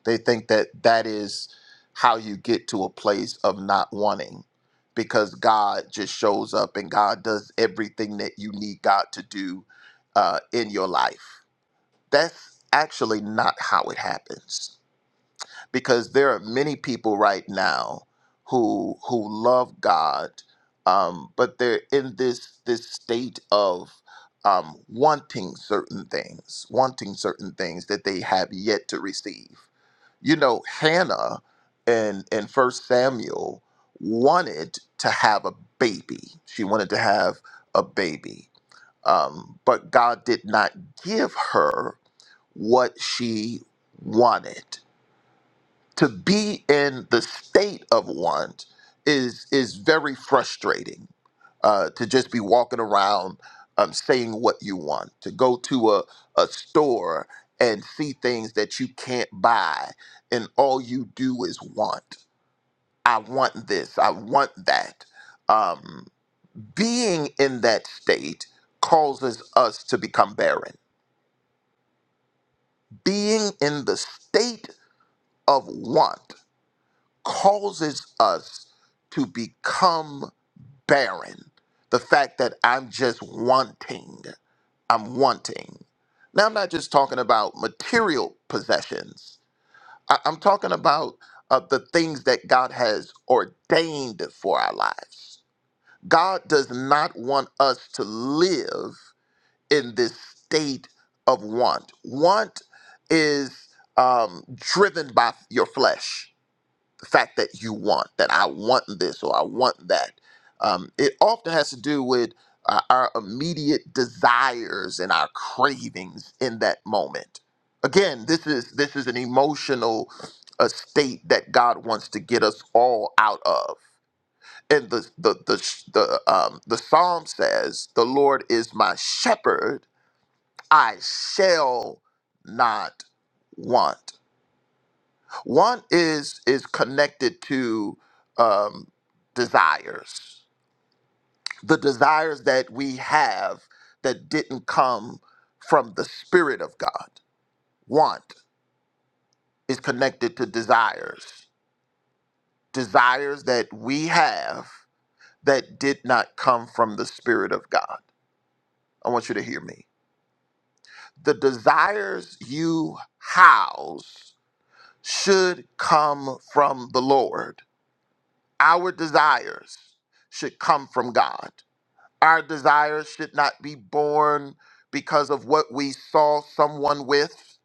Speaker 5: They think that that is how you get to a place of not wanting because God just shows up and God does everything that you need God to do uh, in your life. That's actually not how it happens because there are many people right now who who love God, um, but they're in this this state of um, wanting certain things, wanting certain things that they have yet to receive you know hannah in in first samuel wanted to have a baby she wanted to have a baby um, but god did not give her what she wanted to be in the state of want is is very frustrating. Uh, to just be walking around um, saying what you want, to go to a, a store and see things that you can't buy, and all you do is want. I want this. I want that. Um, being in that state causes us to become barren. Being in the state of want causes us to become barren. The fact that I'm just wanting, I'm wanting. Now, I'm not just talking about material possessions, I- am talking about uh, the things that God has ordained for our lives. God does not want us to live in this state of want. Want is um, driven by your flesh the fact that you want that i want this or i want that um, it often has to do with uh, our immediate desires and our cravings in that moment again this is this is an emotional uh, state that god wants to get us all out of and the the the the, um, the psalm says the lord is my shepherd i shall not want one is is connected to um, desires, the desires that we have that didn't come from the Spirit of God. Want is connected to desires, desires that we have that did not come from the Spirit of God. I want you to hear me. The desires you house should come from the Lord. Our desires should come from God Our desires should not be born because of what we saw someone with.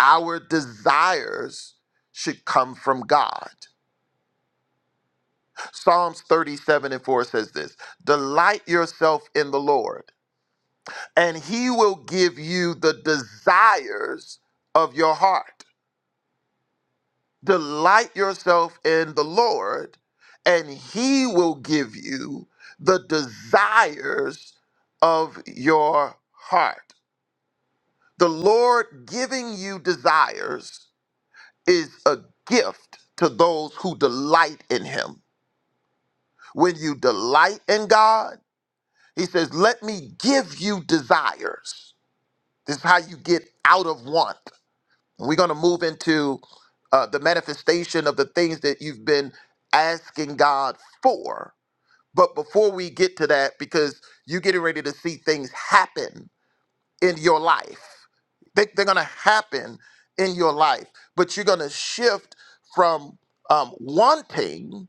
Speaker 5: Our desires should come from God. Psalms 37 and 4 says this Delight yourself in the Lord, and he will give you the desires of your heart. Delight yourself in the Lord, and he will give you the desires of your heart. The Lord giving you desires is a gift to those who delight in Him. When you delight in God, He says, Let me give you desires. This is how you get out of want. And we're going to move into uh, the manifestation of the things that you've been asking God for. But before we get to that, because you're getting ready to see things happen in your life. They, they're going to happen in your life, but you're going to shift from um, wanting.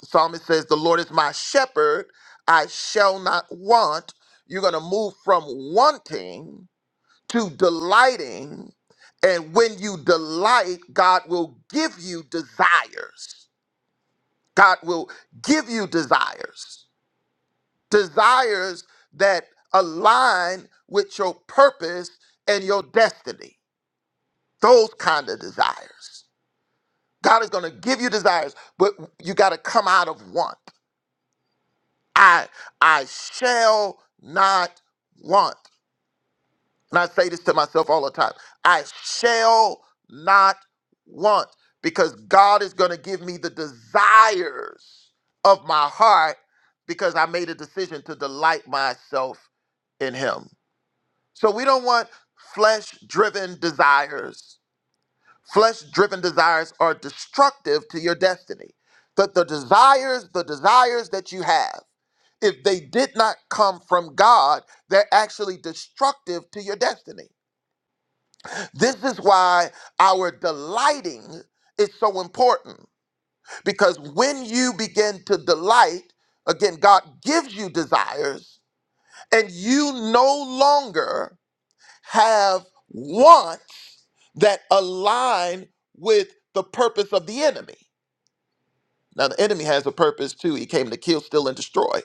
Speaker 5: The psalmist says, The Lord is my shepherd, I shall not want. You're going to move from wanting to delighting. And when you delight, God will give you desires. God will give you desires, desires that align with your purpose and your destiny those kind of desires. God is going to give you desires, but you got to come out of want. I I shall not want. And I say this to myself all the time. I shall not want because God is going to give me the desires of my heart because I made a decision to delight myself in him. So we don't want flesh driven desires Flesh driven desires are destructive to your destiny. That the desires, the desires that you have, if they did not come from God, they're actually destructive to your destiny. This is why our delighting is so important because when you begin to delight, again, God gives you desires and you no longer have wants that align with the purpose of the enemy. Now, the enemy has a purpose too. He came to kill, steal, and destroy.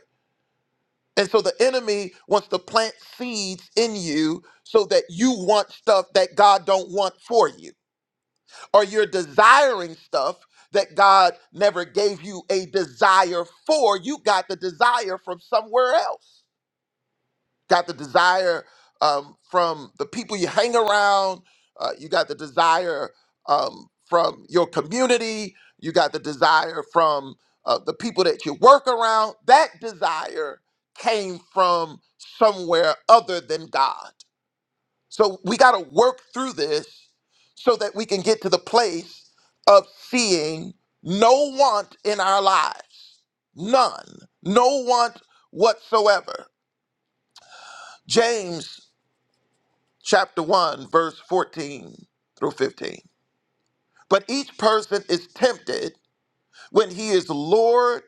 Speaker 5: And so the enemy wants to plant seeds in you so that you want stuff that God don't want for you, or you're desiring stuff that God never gave you a desire for. You got the desire from somewhere else. got the desire um, from the people you hang around. Uh, you got the desire um, from your community. You got the desire from uh, the people that you work around. That desire came from somewhere other than God. So we got to work through this so that we can get to the place of seeing no want in our lives. None. No want whatsoever. James chapter 1, verse 14 through 15. But each person is tempted when he is lured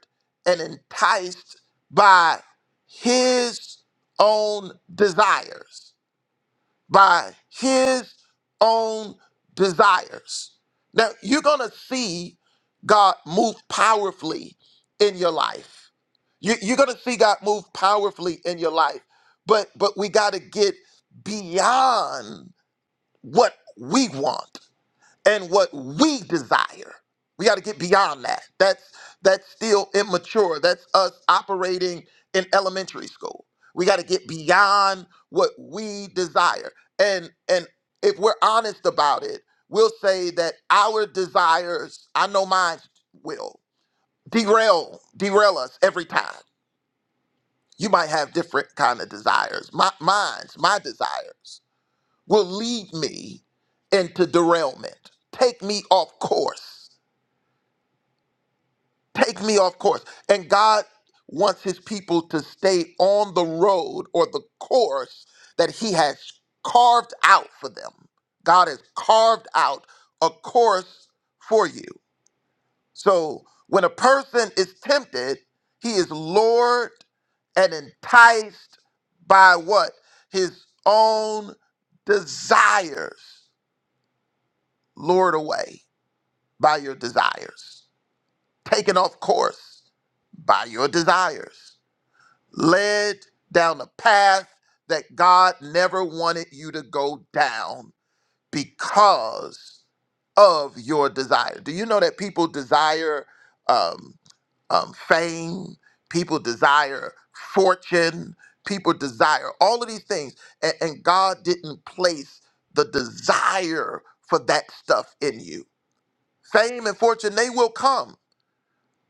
Speaker 5: and enticed by his own desires. By his own desires. Now, you're going to see God move powerfully in your life. You- You're going to see God move powerfully in your life. But, but we got to get beyond what we want and what we desire. We got to get beyond that. That's that's still immature. That's us operating in elementary school. We got to get beyond what we desire. And and if we're honest about it, we'll say that our desires, I know mine will derail derail us every time. You might have different kind of desires. My mine's my desires will lead me into derailment, take me off course, take me off course. And God wants his people to stay on the road or the course that he has carved out for them. God has carved out a course for you. So when a person is tempted, he is lured and enticed by what? His own desires lured away. by your desires, taken off course by your desires, led down a path that God never wanted you to go down because of your desire. Do you know that people desire um, um, fame? People desire fortune. People desire all of these things. And, and God didn't place the desire for that stuff in you. Fame and fortune, they will come.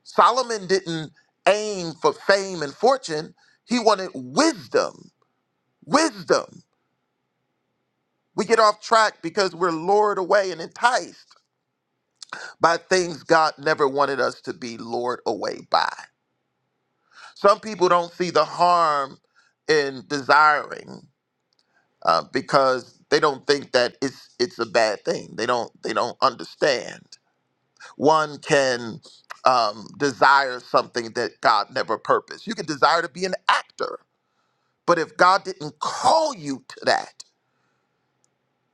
Speaker 5: Solomon didn't aim for fame and fortune, he wanted wisdom. Wisdom. We get off track because we're lured away and enticed by things God never wanted us to be lured away by. Some people don't see the harm in desiring uh, because they don't think that it's it's a bad thing. They don't they don't understand. One can um, desire something that God never purposed. You can desire to be an actor But if God didn't call you to that,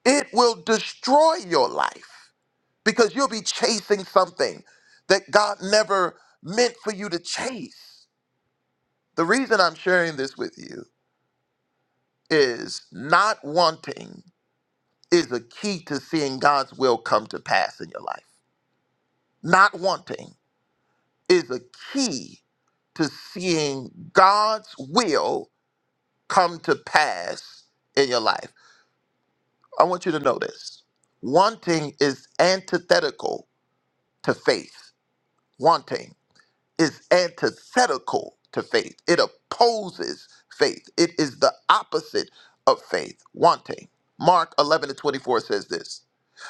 Speaker 5: it will destroy your life because you'll be chasing something that God never meant for you to chase. The reason I'm sharing this with you is not wanting is a key to seeing God's will come to pass in your life. Not wanting is a key to seeing God's will come to pass in your life. I want you to know this. Wanting is antithetical to faith. Wanting is antithetical to faith. It opposes faith. It is the opposite of faith. Wanting. Mark 11 and 24 says this.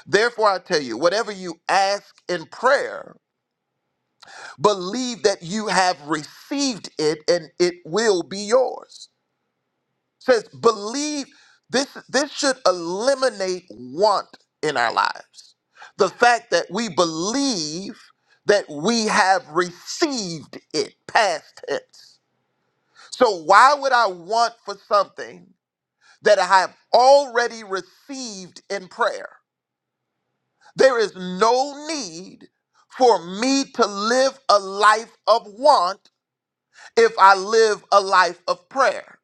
Speaker 5: Therefore, I tell you, whatever you ask in prayer, believe that you have received it and it will be yours. says believe this this should eliminate want in our lives the fact that we believe that we have received it past tense so why would i want for something that i have already received in prayer there is no need for me to live a life of want if i live a life of prayer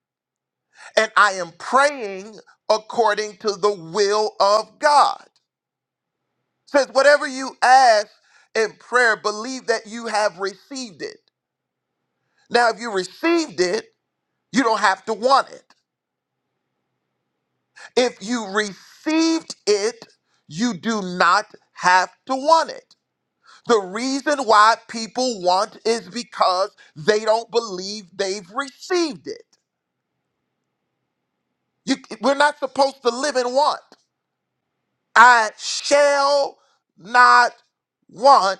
Speaker 5: and I am praying according to the will of God. Says whatever you ask in prayer, believe that you have received it. Now, if you received it, you don't have to want it. If you received it, you do not have to want it. The reason why people want is because they don't believe they've received it. You, we're not supposed to live in want. I shall not want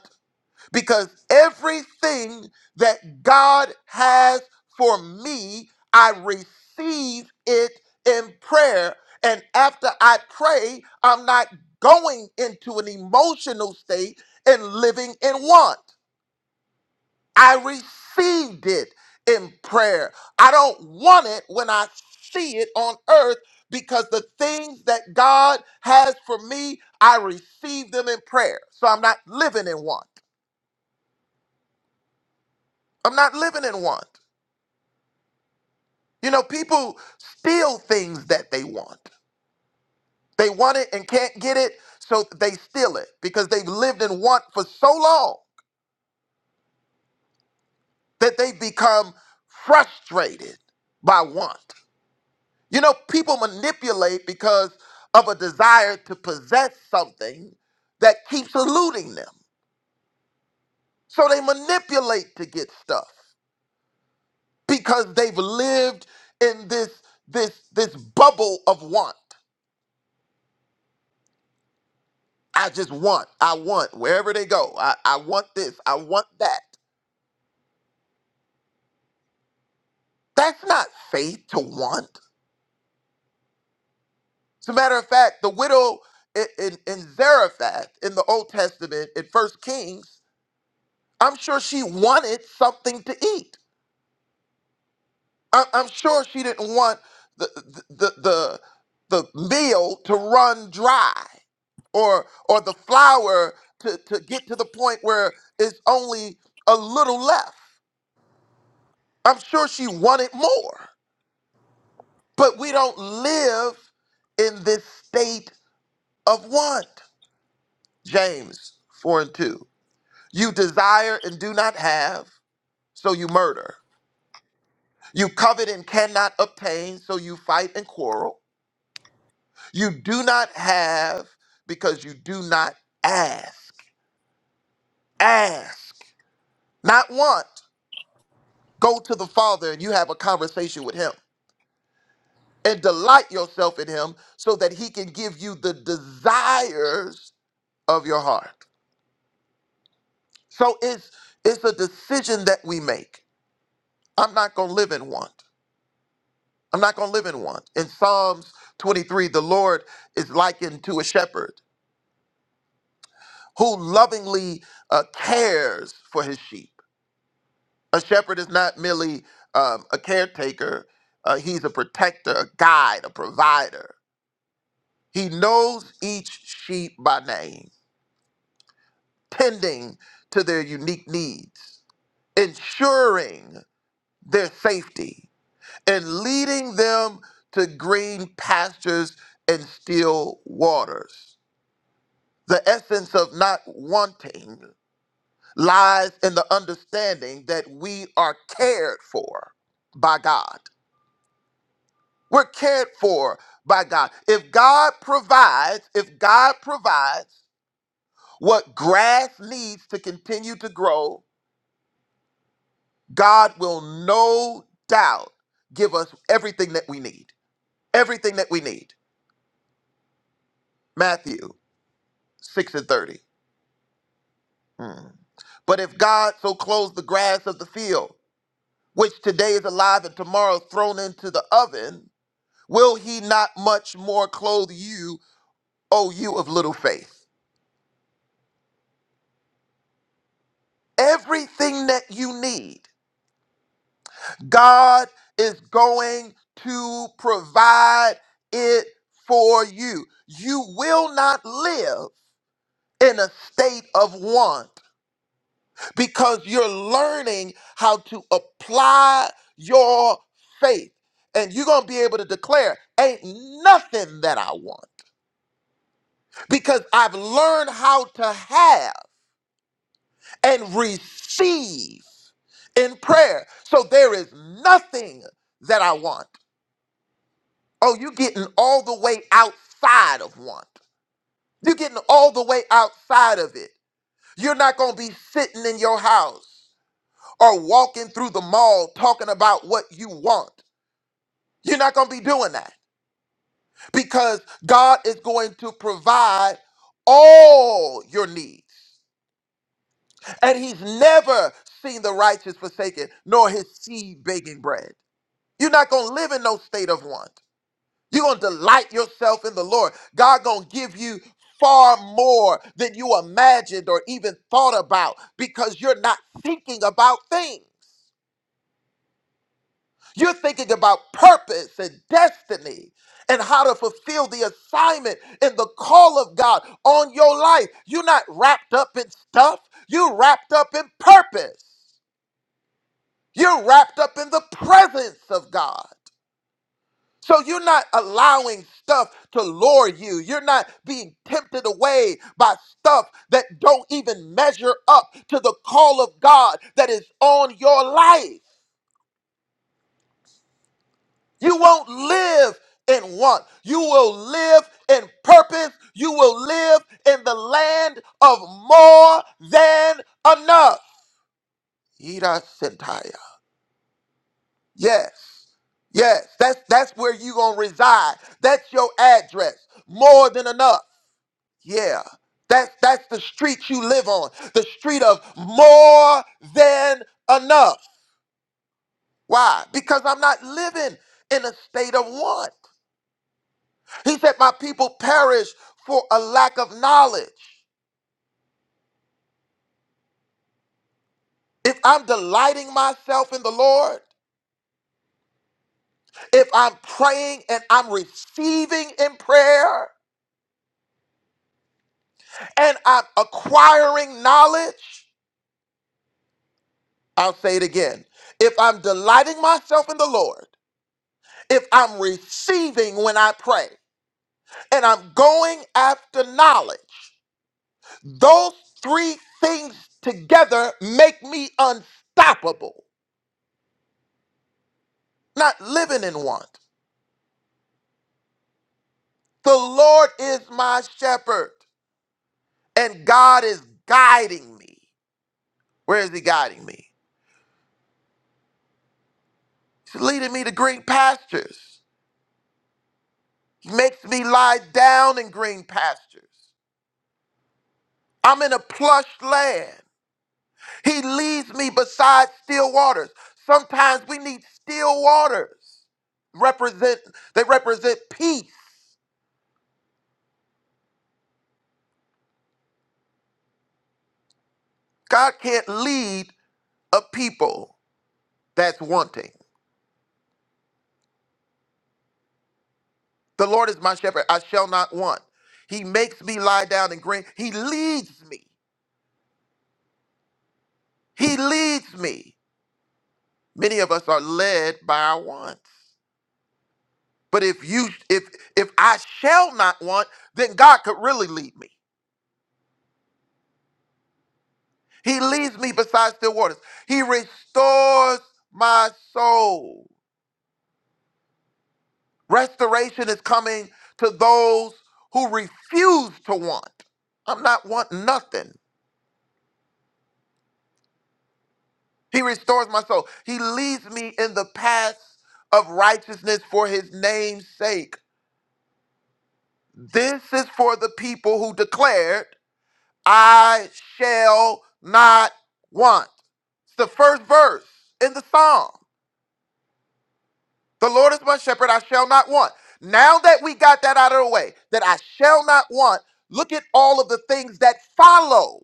Speaker 5: because everything that God has for me, I receive it in prayer. And after I pray, I'm not going into an emotional state and living in want. I received it in prayer. I don't want it when I see it on earth because the things that God has for me, I receive them in prayer. So I'm not living in want. I'm not living in want. You know, people steal things that they want. They want it and can't get it, so they steal it because they've lived in want for so long that they become frustrated by want. You know, people manipulate because of a desire to possess something that keeps eluding them. So they manipulate to get stuff because they've lived in this this this bubble of want. I just want, I want wherever they go. I, I want this, I want that. That's not faith to want. As a matter of fact, the widow in, in, in Zarephath in the Old Testament in First Kings, I'm sure she wanted something to eat. I- I'm sure she didn't want the the the the the meal to run dry or or the flour to, to get to the point where it's only a little left. I'm sure she wanted more. But we don't live in this state of want. James 4 and 2. You desire and do not have, so you murder. You covet and cannot obtain, so you fight and quarrel. You do not have because you do not ask. Ask, not want. Go to the Father and you have a conversation with Him and delight yourself in Him so that He can give you the desires of your heart. So it's it's a decision that we make. I'm not gonna live in want. I'm not gonna live in want. In Psalms 23, the Lord is likened to a shepherd who lovingly uh, cares for his sheep. A shepherd is not merely um, a caretaker, uh, he's a protector, a guide, a provider. He knows each sheep by name, tending to their unique needs, ensuring their safety, and leading them to green pastures and still waters. The essence of not wanting lies in the understanding that we are cared for by God We're cared for by God. If God provides, if God provides what grass needs to continue to grow, God will no doubt give us everything that we need. Everything that we need. Matthew 6 and 30. Hmm. But if God so clothes the grass of the field, which today is alive and tomorrow thrown into the oven, will he not much more clothe you, O you of little faith? Everything that you need God is going to provide it for you. You will not live in a state of want because you're learning how to apply your faith. And you're going to be able to declare, ain't nothing that I want because I've learned how to have and receive in prayer. So there is nothing that I want. Oh, you're getting all the way outside of want. You're getting all the way outside of it. You're not going to be sitting in your house or walking through the mall talking about what you want. You're not going to be doing that because God is going to provide all your needs. And He's never seen the righteous forsaken, nor his seed begging bread. You're not going to live in no state of want. You're going to delight yourself in the Lord. God going to give you far more than you imagined or even thought about because you're not thinking about things. You're thinking about purpose and destiny and how to fulfill the assignment and the call of God on your life. You're not wrapped up in stuff. You're wrapped up in purpose. You're wrapped up in the presence of God. So you're not allowing stuff to lure you. You're not being tempted away by stuff that don't even measure up to the call of God that is on your life. You won't live in want. You will live in purpose. You will live in the land of more than enough. Ida Sentaya. Yes. Yes, that's that's where you gonna reside. That's your address. More than enough. Yeah. That, that's the street you live on, the street of more than enough. Why? Because I'm not living in a state of want. He said, My people perish for a lack of knowledge. If I'm delighting myself in the Lord, if I'm praying and I'm receiving in prayer and I'm acquiring knowledge, I'll say it again. If I'm delighting myself in the Lord, if I'm receiving when I pray. and I'm going after knowledge. Those three things together make me unstoppable, not living in want. The Lord is my shepherd, and God is guiding me. Where is He guiding me? He's leading me to green pastures. He makes me lie down in green pastures. I'm in a plush land. He leads me beside still waters. Sometimes we need still waters. Represent they represent peace. God can't lead a people that's wanting. The Lord is my shepherd, I shall not want. He makes me lie down in green. He leads me. He leads me. Many of us are led by our wants. But if you if if I shall not want, then God could really lead me. He leads me beside still waters. He restores my soul. Restoration is coming to those who refuse to want. I'm not wanting nothing. He restores my soul. He leads me in the paths of righteousness for his name's sake. This is for the people who declared, I shall not want. It's the first verse in the Psalm. The Lord is my shepherd, I shall not want. Now that we got that out of the way, that I shall not want, look at all of the things that follow,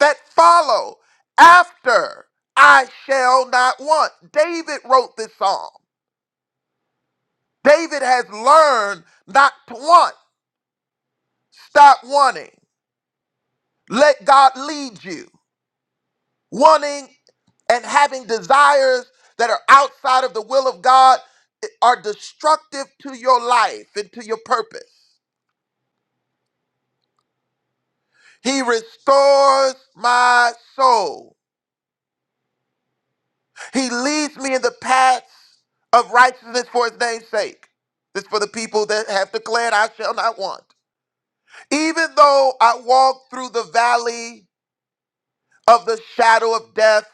Speaker 5: that follow after I shall not want. David wrote this psalm. David has learned not to want. Stop wanting. Let God lead you. Wanting and having desires that are outside of the will of God are destructive to your life and to your purpose. He restores my soul. He leads me in the paths of righteousness for his name's sake. This is for the people that have declared, I shall not want. Even though I walk through the valley of the shadow of death,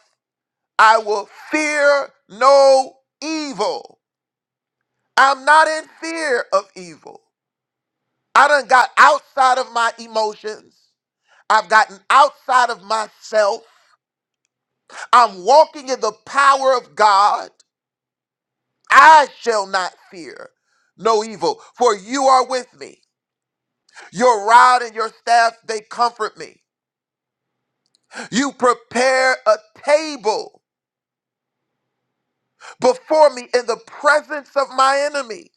Speaker 5: I will fear no evil. I'm not in fear of evil. I done got outside of my emotions. I've gotten outside of myself. I'm walking in the power of God. I shall not fear no evil, for you are with me. Your rod and your staff, they comfort me. You prepare a table before me in the presence of my enemies.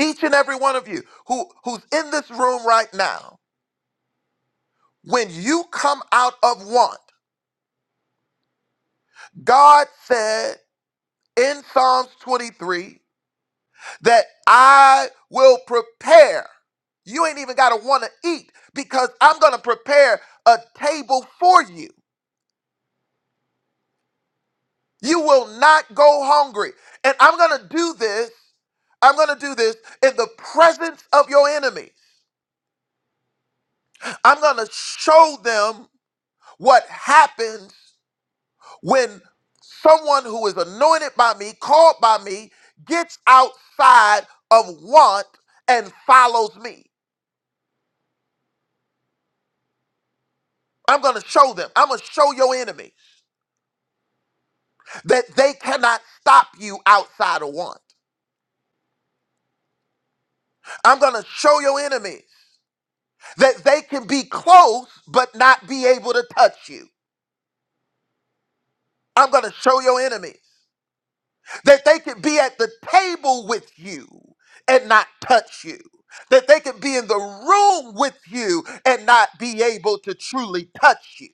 Speaker 5: Each and every one of you who, who's in this room right now, when you come out of want, God said in Psalms 23, that I will prepare. You ain't even got to want to eat because I'm going to prepare a table for you. You will not go hungry. And I'm going to do this. I'm going to do this in the presence of your enemies. I'm going to show them what happens when someone who is anointed by me, called by me, gets outside of want and follows me. I'm going to show them. I'm going to show your enemies. that they cannot stop you outside of want. I'm going to show your enemies that they can be close but not be able to touch you. I'm going to show your enemies that they can be at the table with you and not touch you. That they can be in the room with you and not be able to truly touch you.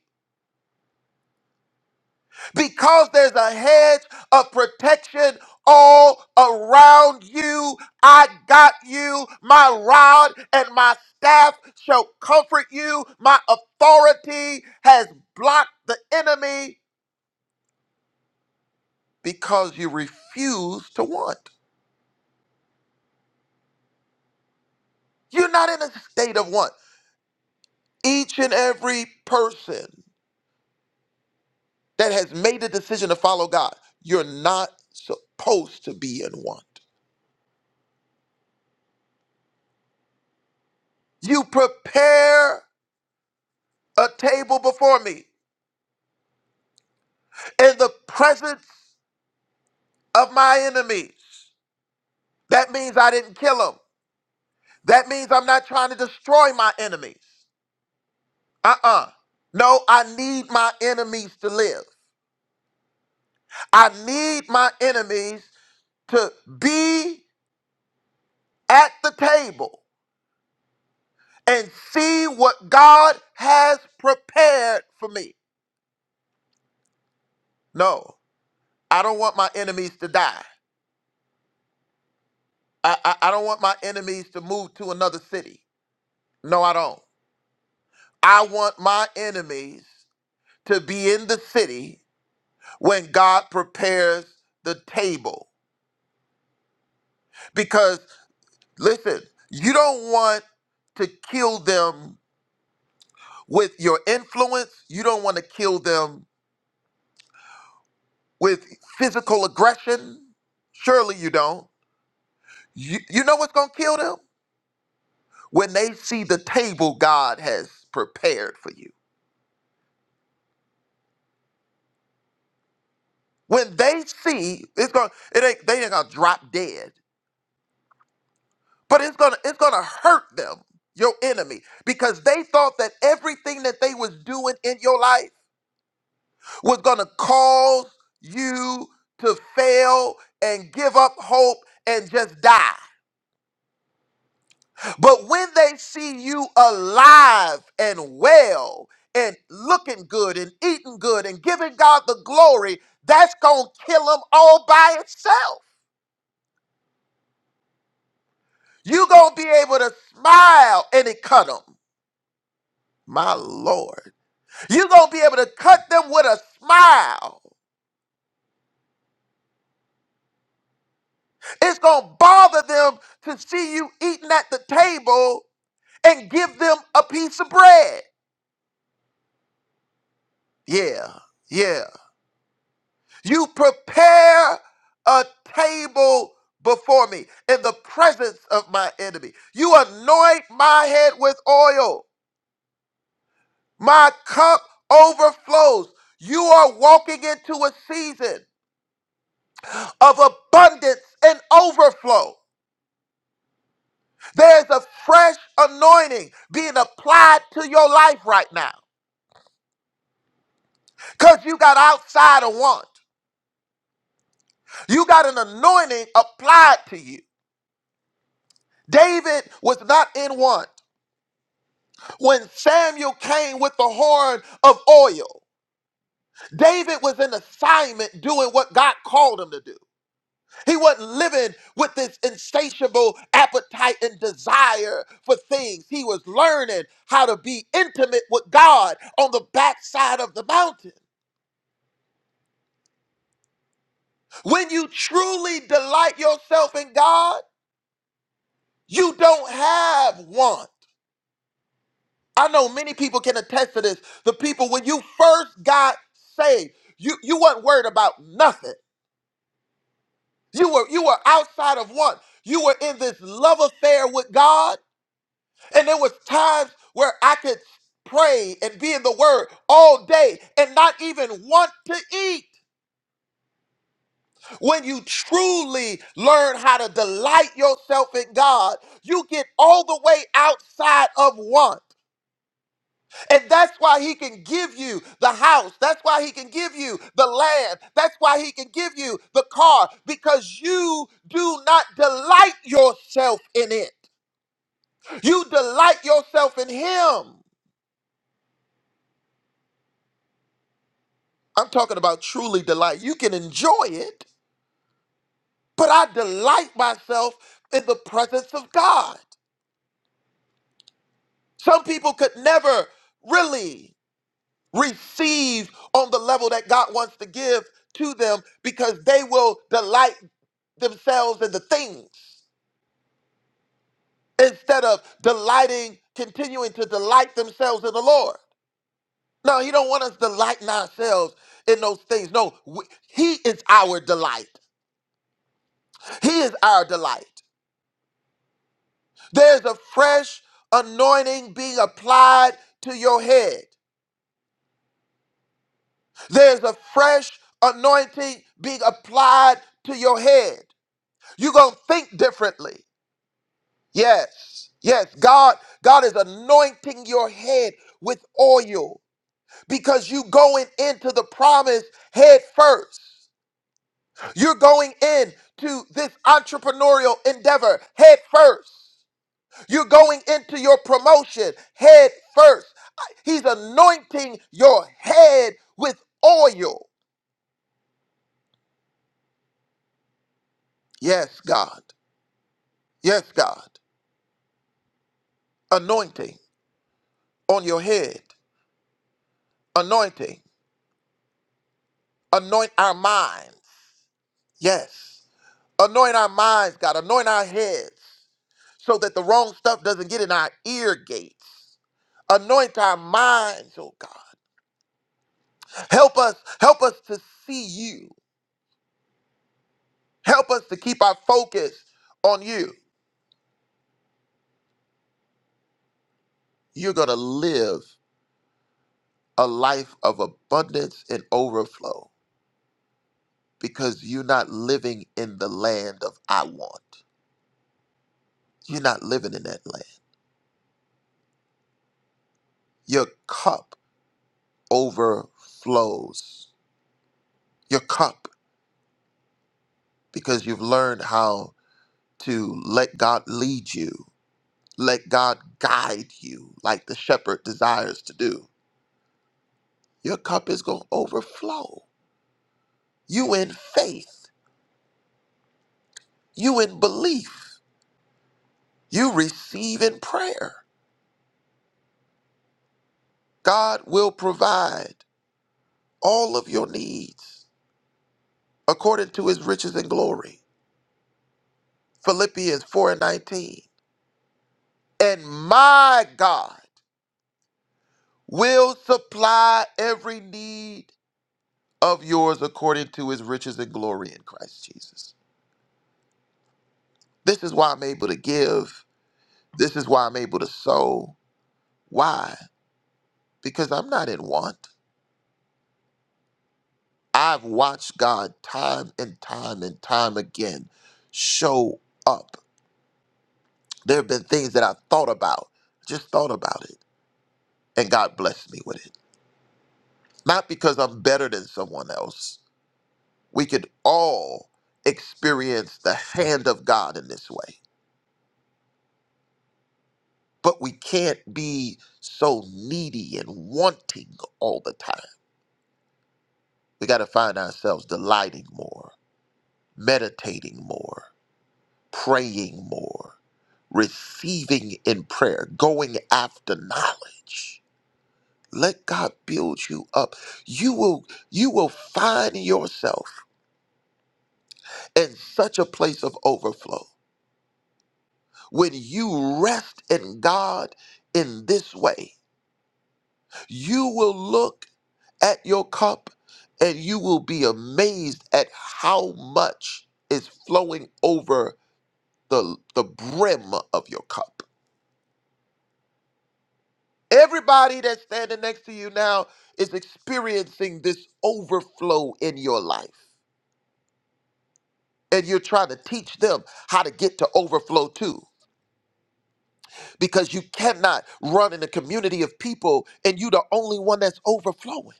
Speaker 5: because there's a hedge of protection all around you. I got you. My rod and my staff shall comfort you. My authority has blocked the enemy because you refuse to want. You're not in a state of want. Each and every person that has made a decision to follow God, you're not supposed to be in want. You prepare a table before me. in the presence of my enemies. That means I didn't kill them. That means I'm not trying to destroy my enemies. Uh uh No, I need my enemies to live. I need my enemies to be at the table and see what God has prepared for me. No, I don't want my enemies to die. I, I, I don't want my enemies to move to another city. No, I don't. I want my enemies to be in the city when God prepares the table. Because listen, you don't want to kill them with your influence, you don't want to kill them with physical aggression. Surely you don't. You, you know what's going to kill them? When they see the table God has prepared for you. When they see, it's going to it ain't they ain't gonna drop dead but it's gonna it's gonna hurt them your enemy because they thought that everything that they was doing in your life was gonna cause you to fail and give up hope and just die but when they see you alive and well and looking good and eating good and giving god the glory that's gonna kill them all by itself you gonna be able to smile and it cut them my lord You're going to be able to cut them with a smile. It's going to bother them to see you eating at the table and give them a piece of bread. Yeah, yeah. You prepare a table before me in the presence of my enemy. You anoint my head with oil. My cup overflows. You are walking into a season of abundance and overflow. There's a fresh anointing being applied to your life right now because you got outside of want. You got an anointing applied to you. David was not in want. When Samuel came with the horn of oil, David was in assignment doing what God called him to do. He wasn't living with this insatiable appetite and desire for things. He was learning how to be intimate with God on the backside of the mountain. When you truly delight yourself in God, you don't have want. I know many people can attest to this. The people when you first got saved, you, you weren't worried about nothing. You were you were outside of want. You were in this love affair with God. And there was times where I could pray and be in the word all day and not even want to eat. When you truly learn how to delight yourself in God, you get all the way outside of want. And that's why he can give you the house. That's why he can give you the land. That's why he can give you the car because you do not delight yourself in it. You delight yourself in him. I'm talking about truly delight. You can enjoy it, but I delight myself in the presence of God. Some people could never really receive on the level that God wants to give to them because they will delight themselves in the things instead of delighting, continuing to delight themselves in the Lord. No, He don't want us delighting ourselves in those things. No, we, He is our delight. He is our delight. There's a fresh anointing being applied to your head. There's a fresh anointing being applied to your head. You're going to think differently. Yes. Yes. God God is anointing your head with oil because you going into the promise head first. You're going in to this entrepreneurial endeavor head first. You're going into your promotion head first. I- He's anointing your head with oil. Yes, God. Yes, God. anointing on your head, anointing, anoint our minds. Yes, anoint our minds, God, anoint our heads so that the wrong stuff doesn't get in our ear gates. Anoint our minds, oh God. Help us, help us to see you. Help us to keep our focus on you. You're going to live a life of abundance and overflow because you're not living in the land of I want. You're not living in that land. Your cup overflows. Your cup, because you've learned how to let God lead you, let God guide you, like the shepherd desires to do. Your cup is going to overflow. You in faith, you in belief, you receive in prayer. God will provide all of your needs according to his riches and glory. Philippians 4 and 19. And my God. will supply every need of yours according to his riches and glory in Christ Jesus. This is why I'm able to give. This is why I'm able to sow. Why? Because I'm not in want. I've watched God time and time and time again show up. There have been things that I thought about, just thought about it, and God blessed me with it. Not because I'm better than someone else. We could all experience the hand of God in this way But we can't be so needy and wanting all the time. We got to find ourselves delighting more, meditating more, praying more, receiving in prayer, going after knowledge. Let God build you up. You will you will find yourself in such a place of overflow. When you rest in God in this way, you will look at your cup, and you will be amazed at how much is flowing over the, the brim of your cup. Everybody that's standing next to you now is experiencing this overflow in your life. And you're trying to teach them how to get to overflow too. Because you cannot run in a community of people and you're the only one that's overflowing.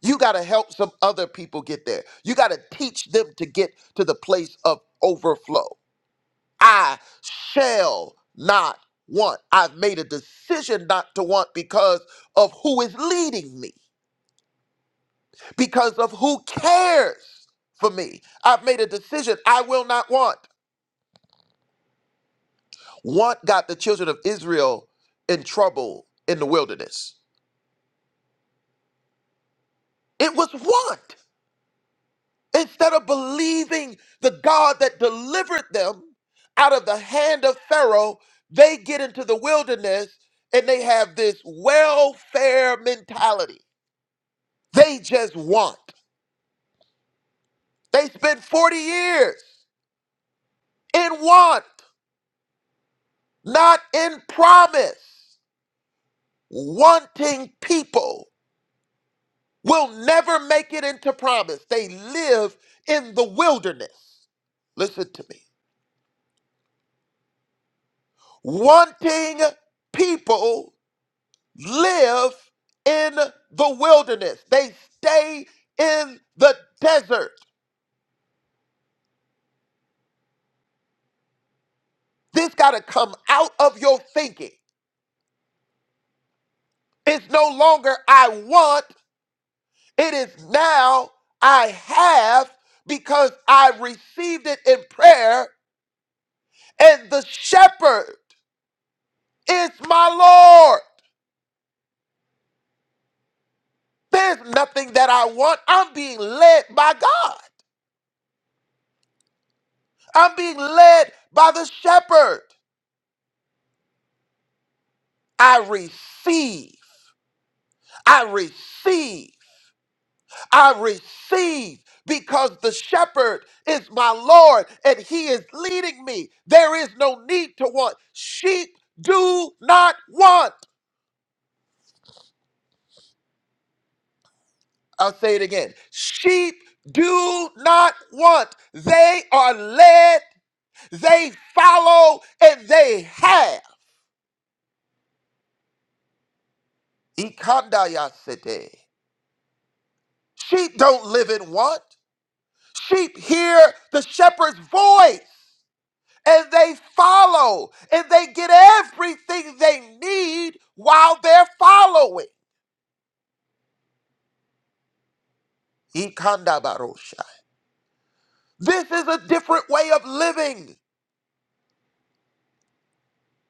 Speaker 5: You got to help some other people get there. You got to teach them to get to the place of overflow. I shall not want. I've made a decision not to want because of who is leading me, because of who cares for me. I've made a decision I will not want. Want got the children of Israel in trouble in the wilderness. It was want. Instead of believing the God that delivered them out of the hand of Pharaoh, they get into the wilderness and they have this welfare mentality They just want. They spent 40 years in want, not in promise. Wanting people will never make it into promise. They live in the wilderness. Listen to me. Wanting people live in the wilderness, they stay in the desert. This got to come out of your thinking. It's no longer I want. It is now I have because I received it in prayer, and the shepherd is my Lord. There's nothing that I want. I'm being led by God, I'm being led by the shepherd. I receive, I receive, I receive. Because the shepherd is my Lord and he is leading me. There is no need to want. Sheep do not want. I'll say it again. Sheep do not want, they are led, they follow, and they have. Ikandayasete. Sheep don't live in want. Sheep hear the shepherd's voice and they follow and they get everything they need while they're following. Ikandabarosha. This is a different way of living.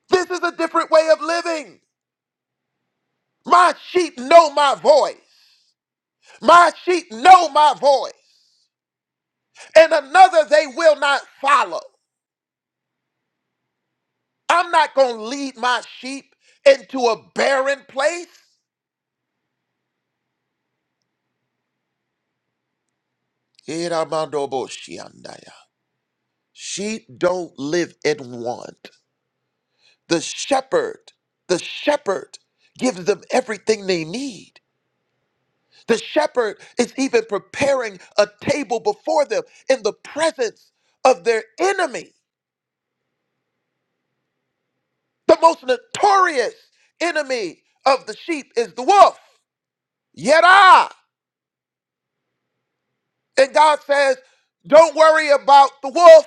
Speaker 5: This is a different way of living. My sheep know my voice. My sheep know my voice, and another they will not follow. I'm not going to lead my sheep into a barren place. Iramandoboshiandaya. Sheep don't live in want. The shepherd, the shepherd gives them everything they need. The shepherd is even preparing a table before them in the presence of their enemy. The most notorious enemy of the sheep is the wolf. Yet I. And God says, don't worry about the wolf.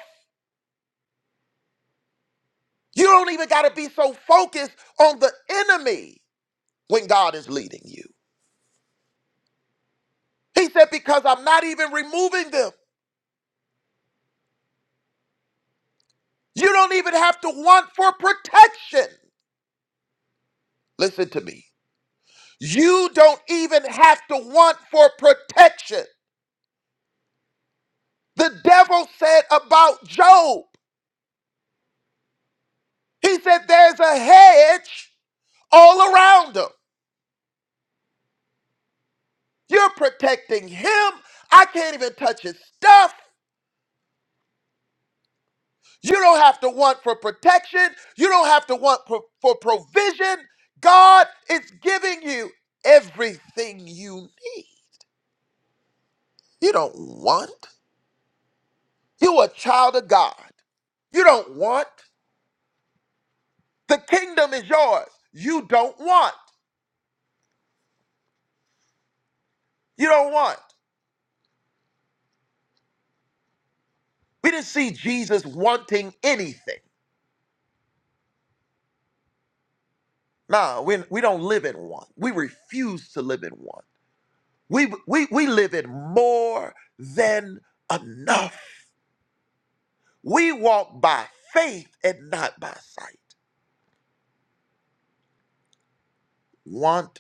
Speaker 5: You don't even got to be so focused on the enemy when God is leading you. He said, because I'm not even removing them. You don't even have to want for protection. Listen to me. You don't even have to want for protection. The devil said about Job, he said, there's a hedge all around him. You're protecting him. I can't even touch his stuff. You don't have to want for protection. You don't have to want pro- for provision. God is giving you everything you need. You don't want. You're a child of God. You don't want. The kingdom is yours. You don't want. You don't want. We didn't see Jesus wanting anything. Nah, we, we don't live in want. We refuse to live in want. We, we, we live in more than enough. We walk by faith and not by sight. Want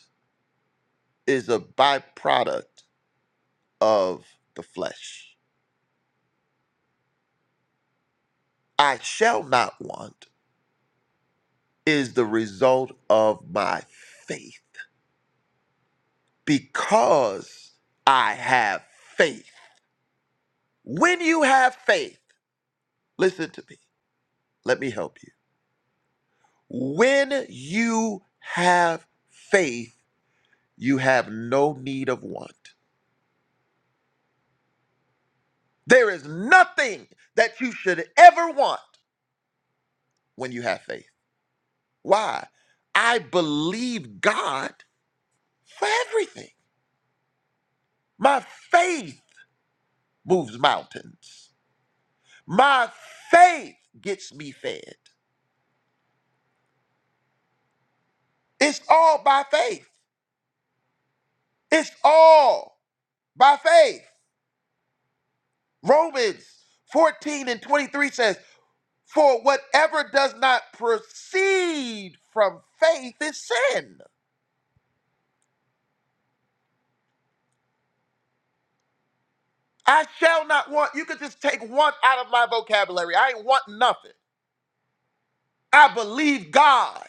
Speaker 5: is a byproduct of the flesh. I shall not want is the result of my faith because I have faith. When you have faith, listen to me. Let me help you. When you have faith, you have no need of want. There is nothing that you should ever want when you have faith. Why? I believe God for everything. My faith moves mountains. My faith gets me fed. It's all by faith. It's all by faith. Romans 14 and 23 says, For whatever does not proceed from faith is sin. I shall not want. You could just take want out of my vocabulary. I ain't want nothing. I believe God.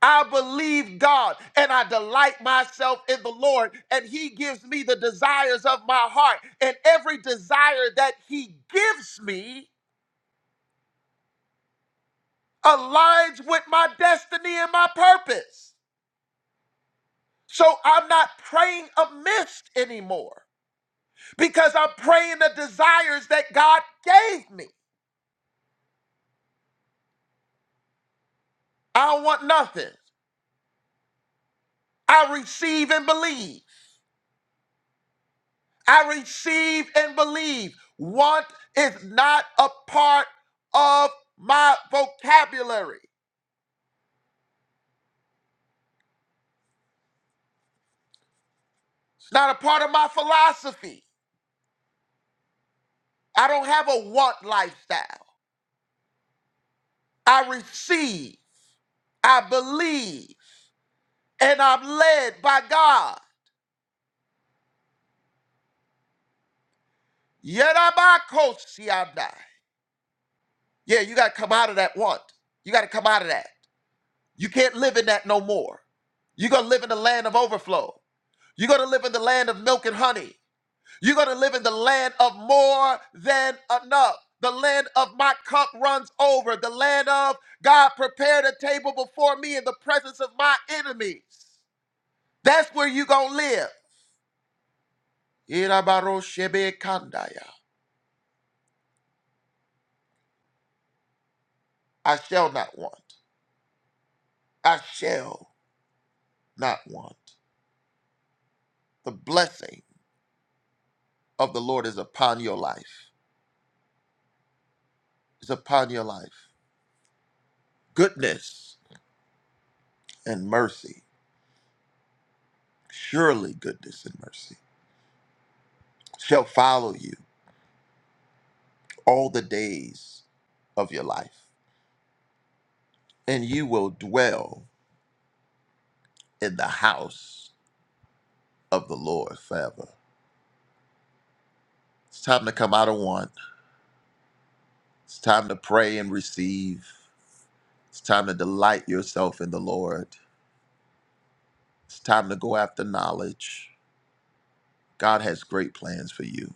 Speaker 5: I believe God and I delight myself in the Lord, and He gives me the desires of my heart. And every desire that He gives me aligns with my destiny and my purpose. So I'm not praying amiss anymore because I'm praying the desires that God gave me. I don't want nothing. I receive and believe. I receive and believe. Want is not a part of my vocabulary. It's not a part of my philosophy. I don't have a want lifestyle. I receive, I believe, and I'm led by God. Yerabakosianda. Yeah, you got to come out of that want. You got to come out of that. You can't live in that no more. You're going to live in the land of overflow. You're going to live in the land of milk and honey. You're going to live in the land of more than enough. The land of my cup runs over. The land of God prepared a table before me in the presence of my enemies. That's where you're going to live. Irabaroshebekandaya. I shall not want. I shall not want. The blessing of the Lord is upon your life. Is upon your life. Goodness and mercy. Surely goodness and mercy shall follow you all the days of your life, and you will dwell in the house of the Lord forever. It's time to come out of want. It's time to pray and receive. It's time to delight yourself in the Lord. It's time to go after knowledge. God has great plans for you,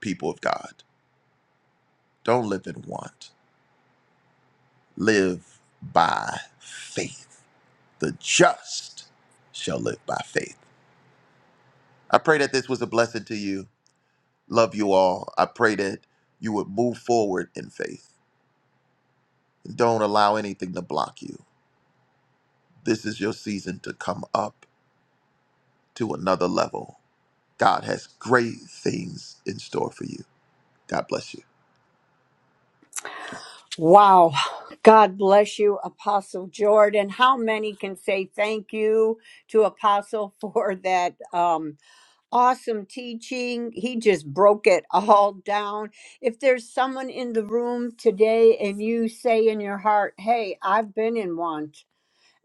Speaker 5: people of God. Don't live in want, live by faith. The just shall live by faith. I pray that this was a blessing to you. Love you all. I pray that you would move forward in faith. Don't allow anything to block you. This is your season to come up to another level. God has great things in store for you. God bless you.
Speaker 1: Wow. God bless you, Apostle Jordan. How many can say thank you to Apostle for that um, awesome teaching? He just broke it all down. If there's someone in the room today and you say in your heart, hey, I've been in one,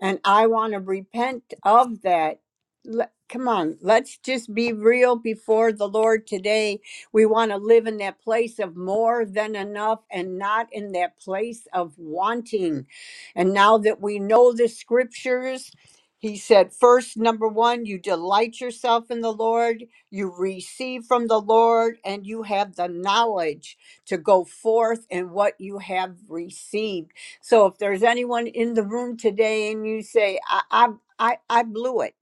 Speaker 1: and I want to repent of that. Let, come on, let's just be real before the Lord today. We want to live in that place of more than enough and not in that place of wanting. And now that we know the scriptures, he said, first, number one, you delight yourself in the Lord, you receive from the Lord, and you have the knowledge to go forth in what you have received. So if there's anyone in the room today and you say, I, I, I, I blew it.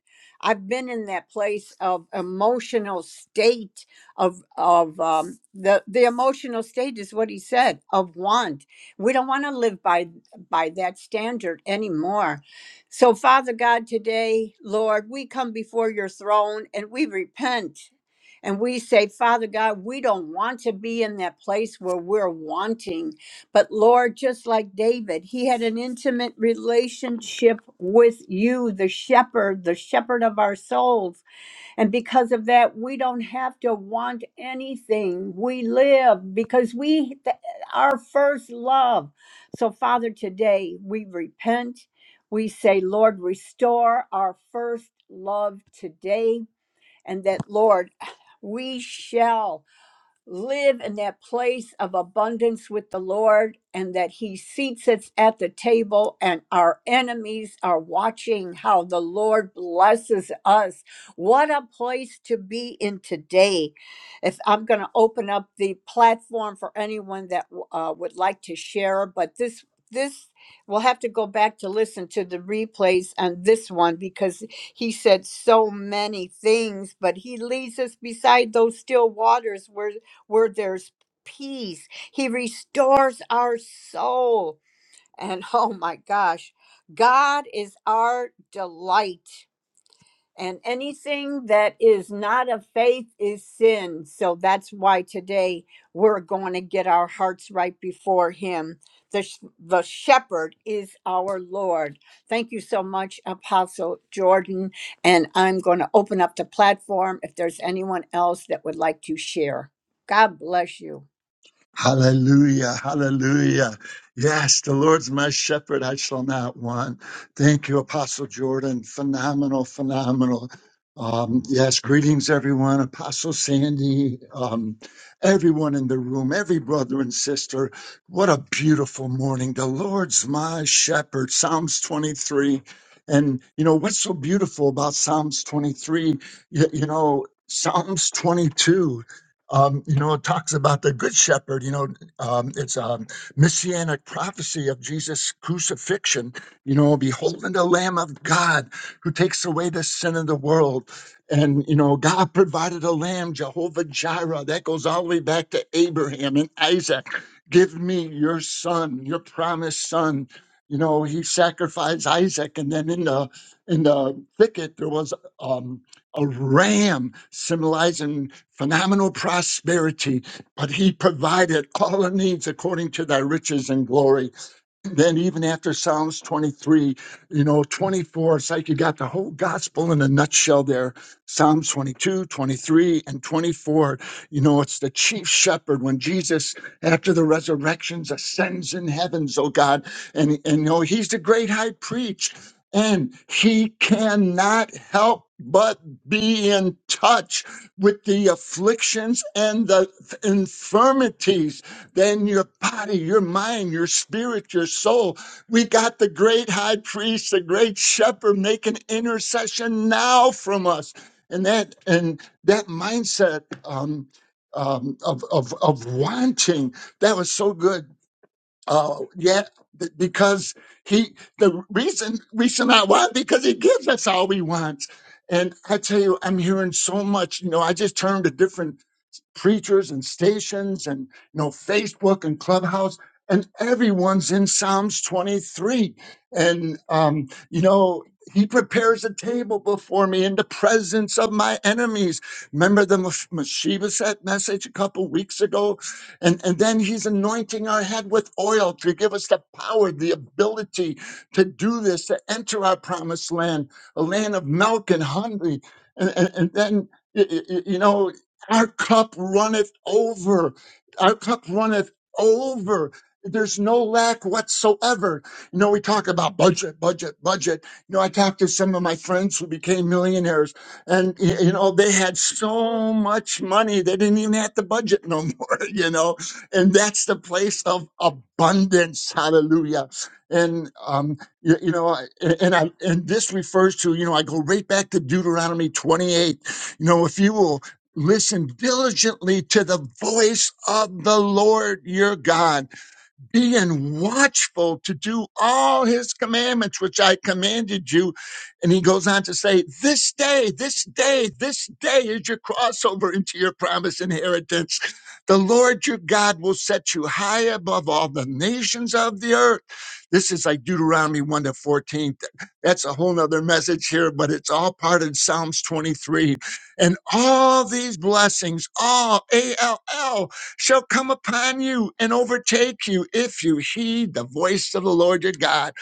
Speaker 1: I've been in that place of emotional state of of um, the the emotional state is what he said of want. We don't want to live by by that standard anymore. So Father God, today, Lord, we come before your throne and we repent and we say, Father God, we don't want to be in that place where we're wanting. But Lord, just like David, he had an intimate relationship with you, the shepherd, the shepherd of our souls. And because of that, we don't have to want anything. We live because we, th- our first love. So, Father, today we repent. We say, Lord, restore our first love today. And that, Lord, we shall live in that place of abundance with the Lord and that He seats us at the table, and our enemies are watching how the Lord blesses us. What a place to be in today. If I'm going to open up the platform for anyone that uh, would like to share, but this this we'll have to go back to listen to the replays on this one because he said so many things but he leads us beside those still waters where where there's peace. He restores our soul. And oh my gosh, God is our delight. And anything that is not of faith is sin. So that's why today we're going to get our hearts right before Him. The, sh- the shepherd is our Lord. Thank you so much, Apostle Jordan. And I'm going to open up the platform if there's anyone else that would like to share. God bless you.
Speaker 2: Hallelujah, hallelujah. Yes, the Lord's my shepherd, I shall not want. Thank you, Apostle Jordan. Phenomenal, phenomenal. Um, yes, greetings, everyone. Apostle Sandy, um, everyone in the room, every brother and sister. What a beautiful morning. The Lord's my shepherd, Psalms 23. And, you know, what's so beautiful about Psalms 23? You, you know, Psalms 22 um, you know, it talks about the Good Shepherd. You know, um, it's a messianic prophecy of Jesus' crucifixion. You know, beholding the Lamb of God who takes away the sin of the world. And, you know, God provided a lamb, Jehovah Jireh. That goes all the way back to Abraham and Isaac. Give me your son, your promised son. You know, he sacrificed Isaac. And then in the in the thicket, there was um, a ram symbolizing phenomenal prosperity, but he provided all our needs according to thy riches and glory then even after Psalms 23, you know, 24, it's like you got the whole gospel in a nutshell there. Psalms 22, 23, and 24. You know, it's the chief shepherd when Jesus, after the resurrections, ascends in heavens, oh God. And, and you know, he's the great high priest. And he cannot help but be in touch with the afflictions and the infirmities then your body, your mind, your spirit, your soul. We got the great high priest, the great shepherd making intercession now from us. And that and that mindset um, um, of, of, of wanting, that was so good. Uh, yeah, th- because he, the reason, uh, why? Because he gives us all we want. And I tell you, I'm hearing so much. You know, I just turned a different preachers and stations and you know Facebook and Clubhouse and everyone's in Psalms 23 and um you know he prepares a table before me in the presence of my enemies. Remember the Meph- Mephibosheth message a couple weeks ago? And, and then he's anointing our head with oil to give us the power, the ability to do this, to enter our promised land, a land of milk and honey. And, and, and then, y- y- y- you know, our cup runneth over. Our cup runneth over. There's no lack whatsoever. You know, we talk about budget, budget, budget. You know, I talked to some of my friends who became millionaires and, y- you know, they had so much money, they didn't even have to budget no more, you know, and that's the place of abundance. Hallelujah. And, um, you, you know, I- a- and I, and this refers to, you know, I go right back to Deuteronomy 28. You know, if you will Listen diligently to the voice of the Lord your God being watchful to do all his commandments, which I commanded you. And he goes on to say, This day, this day, this day is your crossover into your promised inheritance. The Lord your God will set you high above all the nations of the earth. This is like Deuteronomy 1 to 14. That's a whole nother message here, but it's all part of Psalms 23. And all these blessings, all A L L shall come upon you and overtake you if you heed the voice of the Lord your God.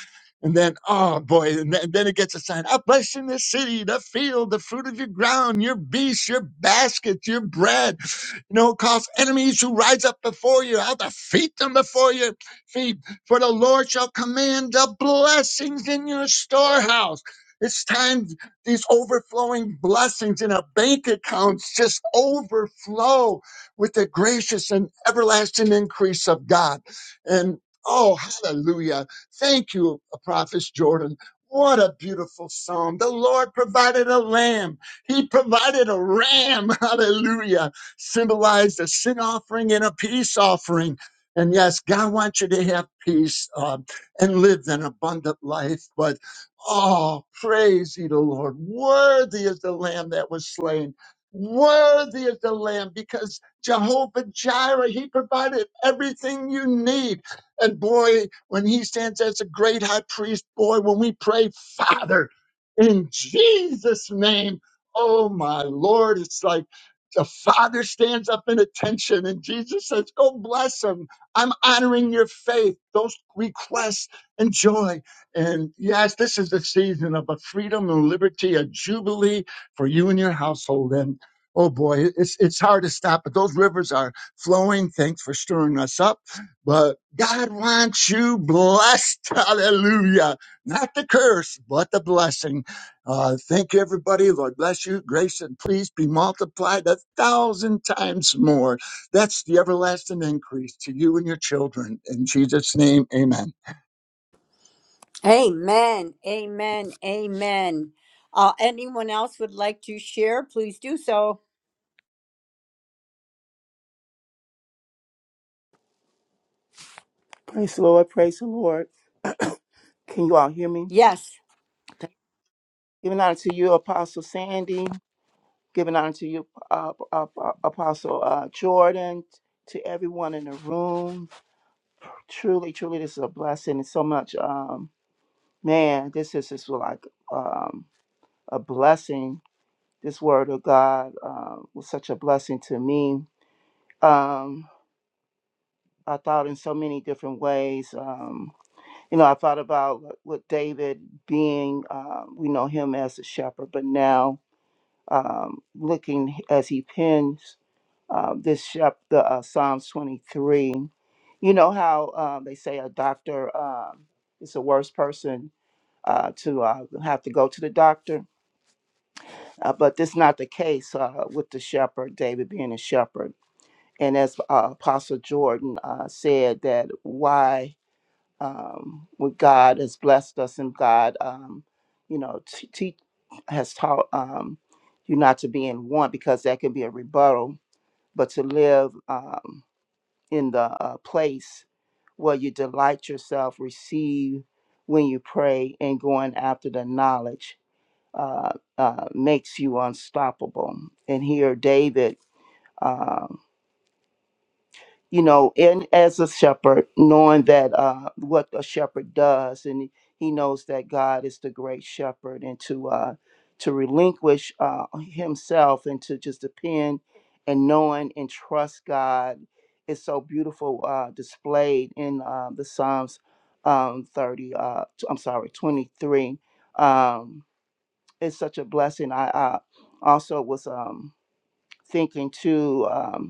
Speaker 2: And then, oh boy, and then, it gets a sign. I bless in the city, the field, the fruit of your ground, your beasts, your baskets, your bread. You know, cause enemies who rise up before you, I'll defeat them before your feet. For the Lord shall command the blessings in your storehouse. It's time these overflowing blessings in our bank accounts just overflow with the gracious and everlasting increase of God. And oh, hallelujah. Thank you, Prophet Jordan. What a beautiful psalm. The Lord provided a lamb. He provided a ram. Hallelujah. Symbolized a sin offering and a peace offering. And yes, God wants you to have peace uh, and live an abundant life. But oh, praise ye the Lord. Worthy is the lamb that was slain. Worthy is the lamb because Jehovah Jireh, he provided everything you need. And boy, when he stands as a great high priest, boy, when we pray, Father, in Jesus' name, oh my Lord, it's like the Father stands up in attention and Jesus says, Go bless him. I'm honoring your faith, those requests and joy. And yes, this is the season of a freedom and liberty, a jubilee for you and your household. And Oh boy, it's it's hard to stop, but those rivers are flowing. Thanks for stirring us up. But God wants you blessed. Hallelujah. Not the curse, but the blessing. Uh, thank you, everybody. Lord bless you. Grace and please be multiplied a thousand times more. That's the everlasting increase to you and your children. In Jesus' name, amen.
Speaker 1: Amen. Amen. Amen. Uh, anyone else would like to share? Please do so.
Speaker 7: Praise the Lord. Praise the Lord. Can you all hear me?
Speaker 1: Yes.
Speaker 7: Giving honor to you, Apostle Sandy. giving honor to you, uh, uh, uh, Apostle uh, Jordan, to everyone in the room. Truly, truly, this is a blessing. It's so much, um, man, this is just like um, a blessing. This word of God uh, was such a blessing to me. Um, I thought in so many different ways. Um, you know, I thought about what David being, um, we know him as a shepherd, but now um, looking as he pins uh, this chapter, uh, Psalms 23. You know how uh, they say a doctor um, is the worst person uh, to uh, have to go to the doctor, uh, but that's not the case uh, with the shepherd, David being a shepherd. And as uh, Apostle Jordan uh, said, that why um, would God has blessed us and God, um, you know, t- te- has taught um, you not to be in want because that can be a rebuttal, but to live. Um, in the uh, place where you delight yourself, receive when you pray, and going after the knowledge uh, uh, makes you unstoppable. And here, David. um, you know, and as a shepherd, knowing that uh, what a shepherd does, and he he knows that God is the great shepherd, and to uh, to relinquish uh, himself and to just depend and knowing and trust God is so beautiful uh, displayed in uh, the Psalms um, thirty. Uh, t- I'm sorry, twenty three. Um, it's such a blessing. I, I also was um, thinking too. Um,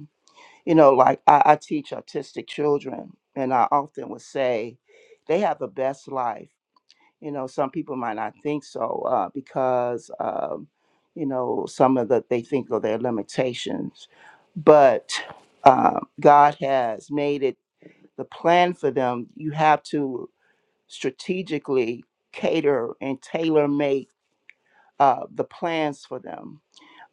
Speaker 7: you know, like I, I teach autistic children, and I often would say they have the best life. You know, some people might not think so uh, because, um, you know, some of the they think of their limitations, but um, God has made it the plan for them. You have to strategically cater and tailor make uh, the plans for them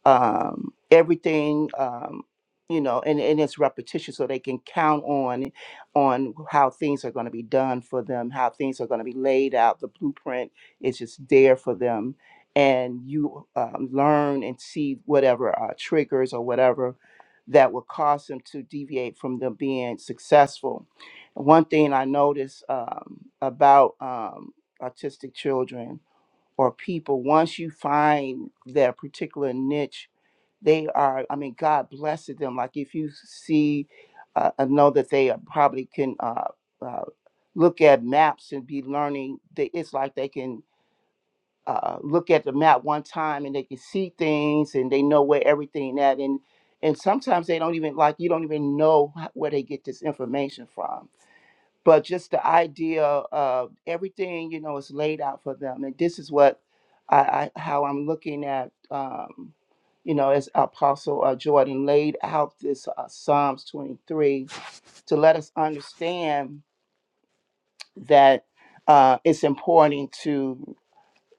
Speaker 7: um, everything um, you know and, and it's repetition so they can count on on how things are going to be done for them how things are going to be laid out the blueprint is just there for them and you um, learn and see whatever uh, triggers or whatever that will cause them to deviate from them being successful one thing i notice um, about um, autistic children or people once you find their particular niche they are i mean god blesses them like if you see uh, uh, know that they are probably can uh, uh, look at maps and be learning they, it's like they can uh, look at the map one time and they can see things and they know where everything at and and sometimes they don't even like you don't even know h- where they get this information from but just the idea of everything you know is laid out for them and this is what i, I how i'm looking at um you know as apostle uh, jordan laid out this uh, psalms 23 to let us understand that uh, it's important to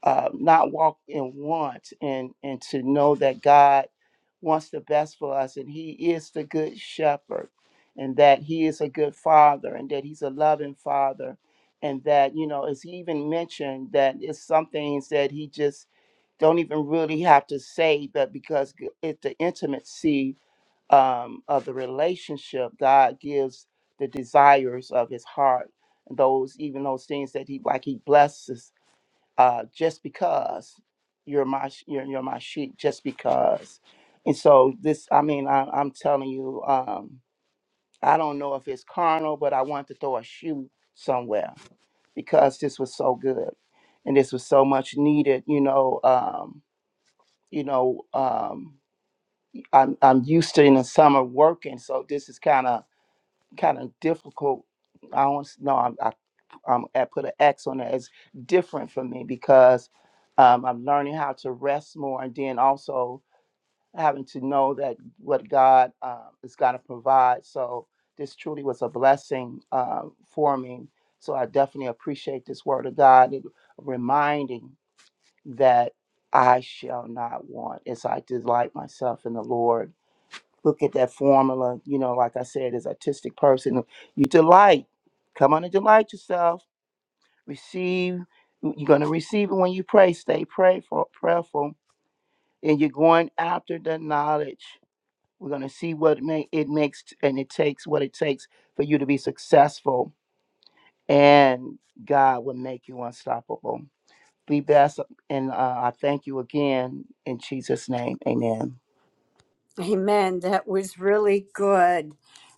Speaker 7: uh, not walk in want and and to know that God wants the best for us and he is the good shepherd and that he is a good father and that he's a loving father and that you know as he even mentioned that it's some things that he just don't even really have to say but because g- it's the intimacy um, of the relationship god gives the desires of his heart those even those things that he like he blesses uh, just because you're my sh- you're, you're my sheep just because and so this i mean I, i'm telling you um, i don't know if it's carnal but i want to throw a shoe somewhere because this was so good and this was so much needed you know um, you know um, I'm, I'm used to in the summer working so this is kind of kind of difficult i don't know um, I put an X on it as different for me because um, I'm learning how to rest more and then also having to know that what God um, is going to provide. So this truly was a blessing um, for me. So I definitely appreciate this word of God and reminding that I shall not want as I delight myself in the Lord. Look at that formula, you know, like I said, as artistic person, you delight. Come on and delight yourself receive you're going to receive it when you pray stay prayerful prayerful and you're going after the knowledge we're going to see what it, may, it makes t- and it takes what it takes for you to be successful and god will make you unstoppable be best and uh, i thank you again in jesus name amen
Speaker 1: Amen. That was really good.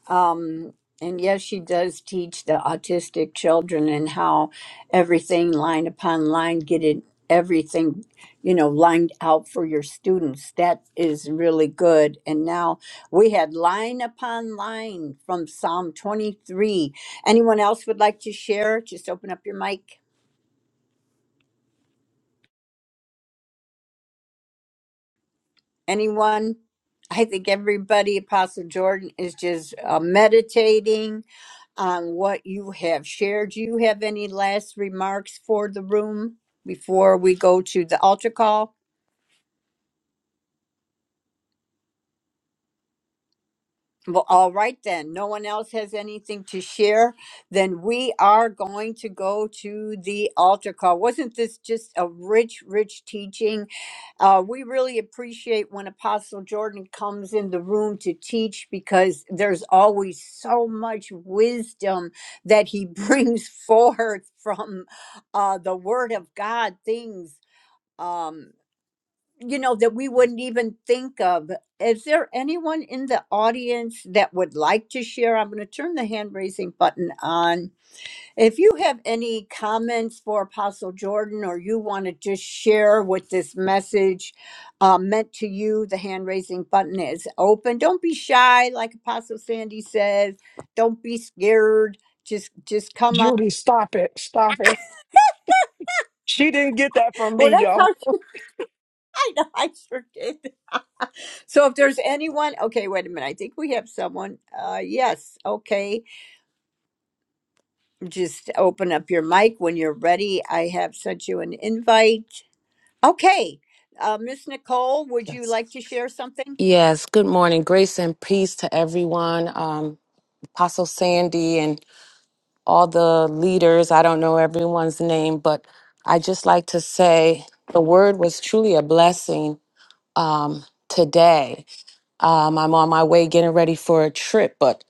Speaker 1: Um, and yes, she does teach the autistic children and how everything line upon line, get it, everything, you know, lined out for your students. That is really good. And now we had line upon line from Psalm 23. Anyone else would like to share? Just open up your mic. Anyone? I think everybody, Apostle Jordan, is just uh, meditating on what you have shared. Do you have any last remarks for the room before we go to the altar call? Well, all right then. No one else has anything to share. Then we are going to go to the altar call. Wasn't this just a rich, rich teaching? Uh, we really appreciate when Apostle Jordan comes in the room to teach because there's always so much wisdom that he brings forth from uh, the Word of God. Things. um you know, that we wouldn't even think of. Is there anyone in the audience that would like to share? I'm going to turn the hand raising button on. If you have any comments for Apostle Jordan or you want to just share what this message uh, meant to you, the hand raising button is open. Don't be shy, like Apostle Sandy says. Don't be scared. Just, just come on.
Speaker 8: Judy, stop it. Stop it. She didn't get that from
Speaker 1: Well,
Speaker 8: me,
Speaker 1: that's
Speaker 8: y'all.
Speaker 1: how I know I sure did. So if there's anyone, okay, wait a minute. I think we have someone. Uh, yes, okay. Just open up your mic when you're ready. I have sent you an invite. Okay, uh, Miss Nicole, would you like to share something?
Speaker 9: Yes, good morning. Grace and peace to everyone. Um, Apostle Sandy and all the leaders. I don't know everyone's name, but I just like to say the word was truly a blessing um, today. Um, I'm on my way getting ready for a trip, but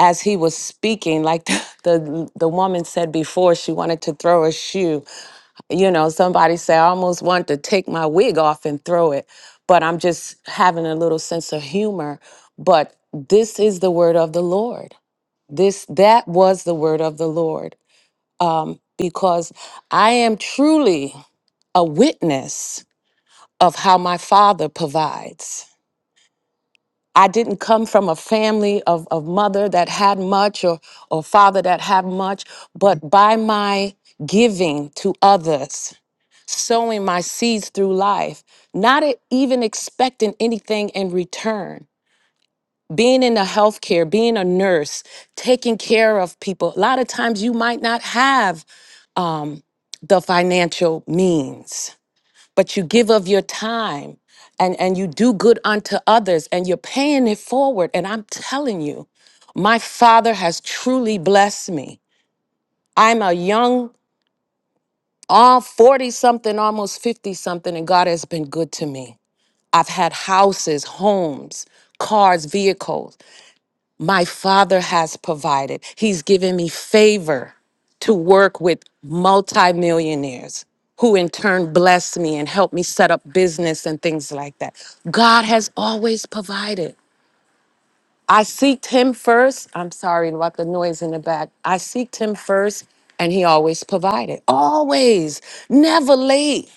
Speaker 9: as he was speaking, like the, the the woman said before, she wanted to throw a shoe you know somebody say i almost want to take my wig off and throw it but i'm just having a little sense of humor but this is the word of the lord this that was the word of the lord um, because i am truly a witness of how my father provides i didn't come from a family of, of mother that had much or or father that had much but by my giving to others sowing my seeds through life, not e- even expecting anything in return. Being in the healthcare, being a nurse, taking care of people. A lot of times you might not have um, the financial means, but you give of your time and, and you do good unto others and you're paying it forward. And I'm telling you, my father has truly blessed me. I'm a young, all 40 something, almost 50 something, and God has been good to me. I've had houses, homes, cars, vehicles. My father has provided. He's given me favor to work with multimillionaires who in turn bless me and help me set up business and things like that. God has always provided. I seeked him first. I'm sorry about the noise in the back. I seeked him first and he always provided. Always, never late.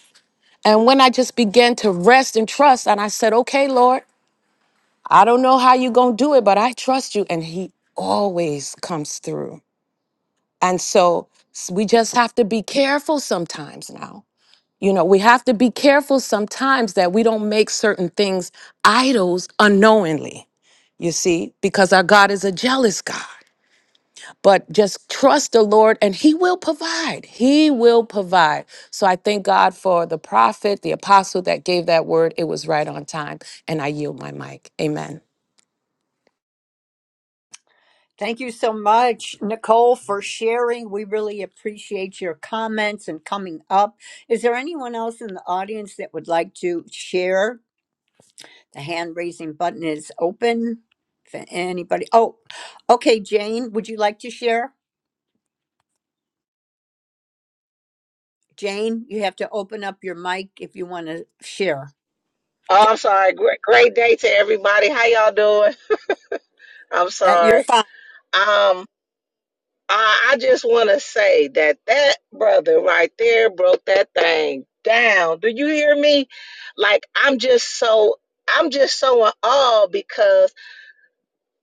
Speaker 9: And when I just began to rest and trust and I said, "Okay, Lord, I don't know how you're going to do it, but I trust you. And he always comes through. And so s- we just have to be careful sometimes now. You know, we have to be careful sometimes that we don't make certain things idols unknowingly, you see, because our God is a jealous God. But just trust the Lord and He will provide. He will provide. So I thank God for the prophet, the apostle that gave that word. It was right on time. And I yield my mic. Amen.
Speaker 1: Thank you so much, Nicole, for sharing. We really appreciate your comments and coming up. Is there anyone else in the audience that would like to share? The hand raising button is open. If anybody, oh, okay, Jane, would you like to share? Jane, you have to open up your mic if you want to share.
Speaker 10: Oh, I'm sorry. Great, great day to everybody. How y'all doing? I'm
Speaker 1: That you're
Speaker 10: sorry.
Speaker 1: fine.
Speaker 10: Um, I, I just want to say that that brother right there broke that thing down. Do you hear me? Like I'm just so I'm just so in awe because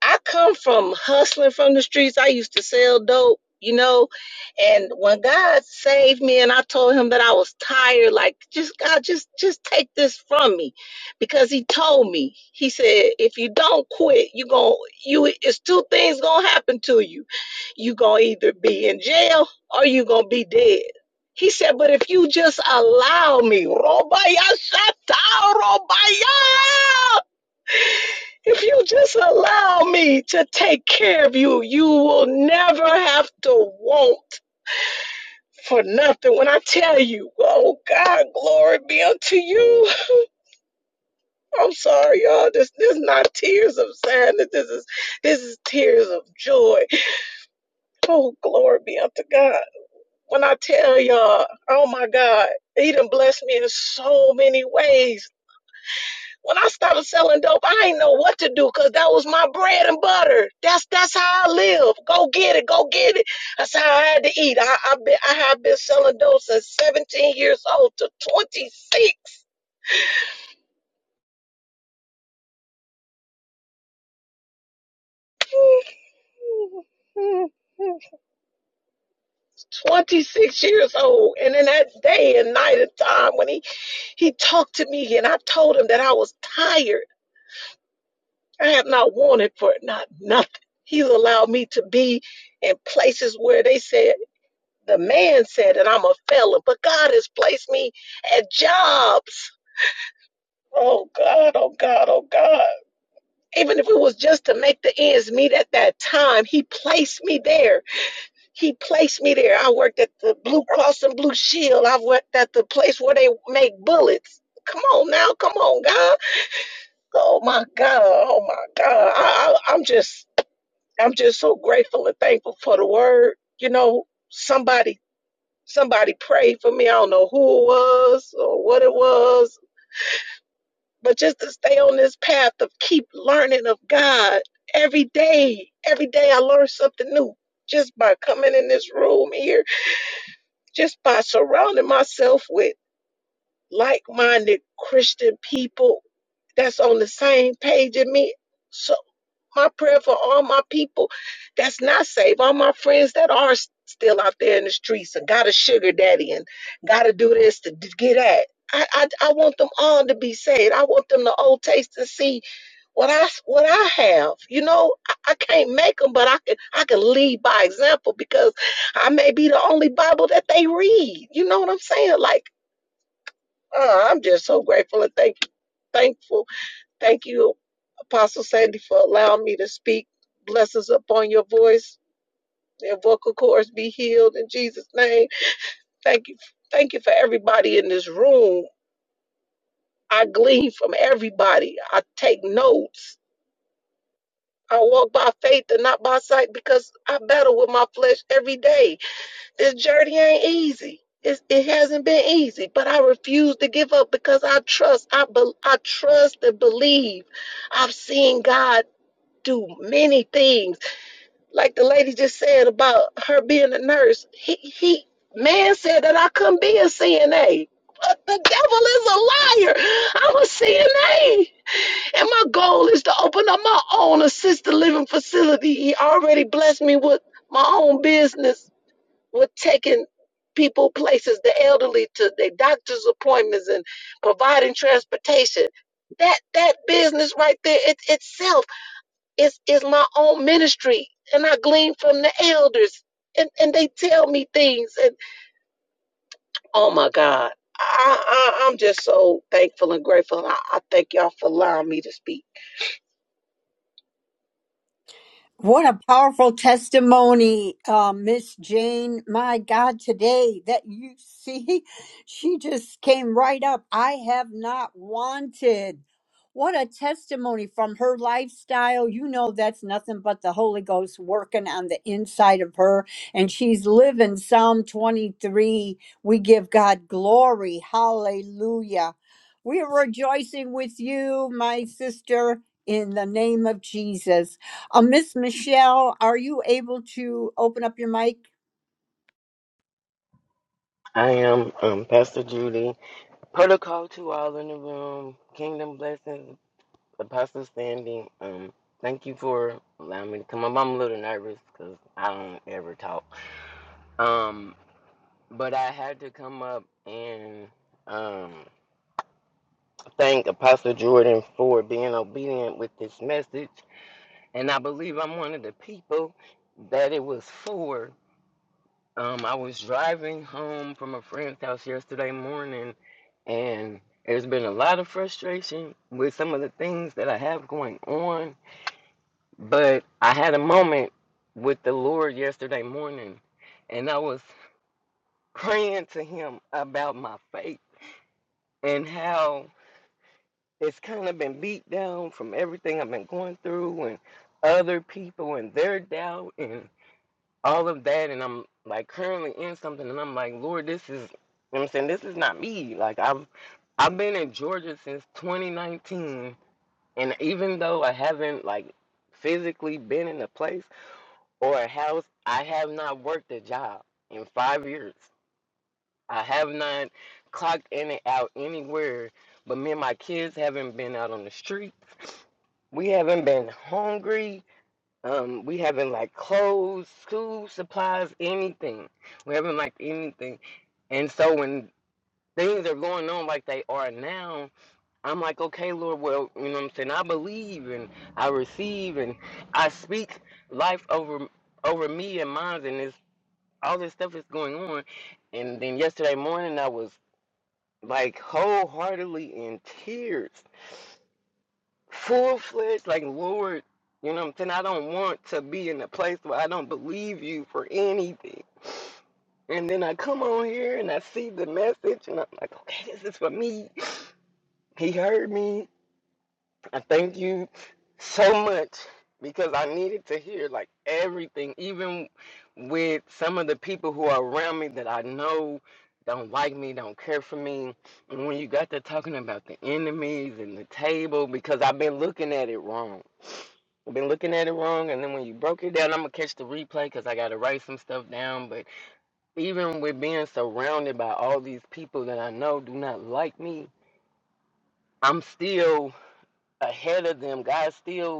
Speaker 10: I come from hustling from the streets. I used to sell dope, you know. And when God saved me and I told him that I was tired, like just God, just just take this from me. Because he told me, he said, if you don't quit, you going you it's two things gonna happen to you. You gonna either be in jail or you gonna be dead. He said, but if you just allow me, Robaya Shata Robaya if you just allow me to take care of you, you will never have to want for nothing. When I tell you, oh God, glory be unto you. I'm sorry, y'all. This this is not tears of sadness. This is this is tears of joy. Oh, glory be unto God. When I tell y'all, oh my God, He done blessed me in so many ways. When I started selling dope, I ain't know what to do because that was my bread and butter. That's that's how I live. Go get it, go get it. That's how I had to eat. I I, been, I have been selling dope since 17 years old to 26. 26 years old. And in that day and night and time when he, he talked to me and I told him that I was tired. I have not wanted for it, not nothing. He's allowed me to be in places where they said The man said that I'm a felon, but God has placed me at jobs. Oh God, oh God, oh God. Even if it was just to make the ends meet at that time, He placed me there. He placed me there. I worked at the Blue Cross and Blue Shield. I worked at the place where they make bullets. Come on now, come on, God. Oh my God, oh my God. I, I, I'm just, I'm just so grateful and thankful for the word. You know, somebody Somebody prayed for me. I don't know who it was or what it was, but just to stay on this path of keep learning of God every day. Every day I learn something new just by coming in this room here, just by surrounding myself with like minded Christian people that's on the same page as me. So. My prayer for all my people that's not saved, all my friends that are still out there in the streets and got a sugar daddy and got to do this to get at. I, I I want them all to be saved. I want them to all taste and see what I what I have. You know, I, I can't make them, but I can I can lead by example because I may be the only Bible that they read. You know what I'm saying? Like, uh, I'm just so grateful and thank thankful. Thank you Apostle Sandy, for allowing me to speak. Blessings upon your voice. Your vocal cords be healed in Jesus' name. Thank you. Thank you for everybody in this room. I glean from everybody. I take notes. I walk by faith and not by sight because I battle with my flesh every day. This journey ain't easy. It's, it hasn't been easy, but I refuse to give up because I trust. I bel I trust and believe. I've seen God do many things Like the lady just said about her being a nurse, he he man said that I couldn't be a CNA. But the devil is a liar. I'm a CNA. And my goal is to open up my own assisted living facility. He already blessed me with my own business with taking people places, the elderly to their doctor's appointments and providing transportation. That that business right there, it itself it's, it's my own ministry. And I glean from the elders. And, and they tell me things. And oh my God, I, I, I'm just so thankful and grateful. I, I thank y'all for allowing me to speak.
Speaker 1: What a powerful testimony, uh, Miss Jane. My God, today that you see, she just came right up. I have not wanted. What a testimony from her lifestyle. You know, that's nothing but the Holy Ghost working on the inside of her. And she's living Psalm 23. We give God glory. Hallelujah. We are rejoicing with you, my sister, in the name of Jesus. Uh, Miss Michelle, are you able to open up your mic?
Speaker 11: I am um, Pastor Judy. Protocol to all in the room. Kingdom blessings. Apostle Sandy. Um, thank you for allowing me to come up. I'm a little nervous because I don't ever talk. Um, but I had to come up and um, thank Apostle Jordan for being obedient with this message. And I believe I'm one of the people that it was for. Um, I was driving home from a friend's house yesterday morning and there's been a lot of frustration with some of the things that I have going on. But I had a moment with the Lord yesterday morning, and I was praying to Him about my faith and how it's kind of been beat down from everything I've been going through and other people and their doubt and all of that. And I'm like currently in something, and I'm like, Lord, this is. you know what I'm saying this is not me. Like I've I've been in Georgia since 2019 And even though I haven't like physically been in a place or a house, I have not worked a job in five years. I have not clocked in and out anywhere. But me and my kids haven't been out on the street. We haven't been hungry. Um, we haven't like clothes, school supplies, anything. We haven't like anything. And so when things are going on like they are now, I'm like, okay, Lord, well, you know what I'm saying? I believe and I receive and I speak life over over me and mine and this all this stuff is going on. And then yesterday morning I was like wholeheartedly in tears. Full fledged, like Lord, you know what I'm saying? I don't want to be in a place where I don't believe you for anything. And then I come on here and I see the message and I'm like, okay, this is for me. He heard me I thank you so much because I needed to hear like everything, even with some of the people who are around me that I know don't like me, don't care for me. And when you got to talking about the enemies and the table, because I've been looking at it wrong. I've been looking at it wrong, and then when you broke it down, I'm gonna catch the replay because I gotta write some stuff down. But even with being surrounded by all these people that I know do not like me, I'm still ahead of them. God still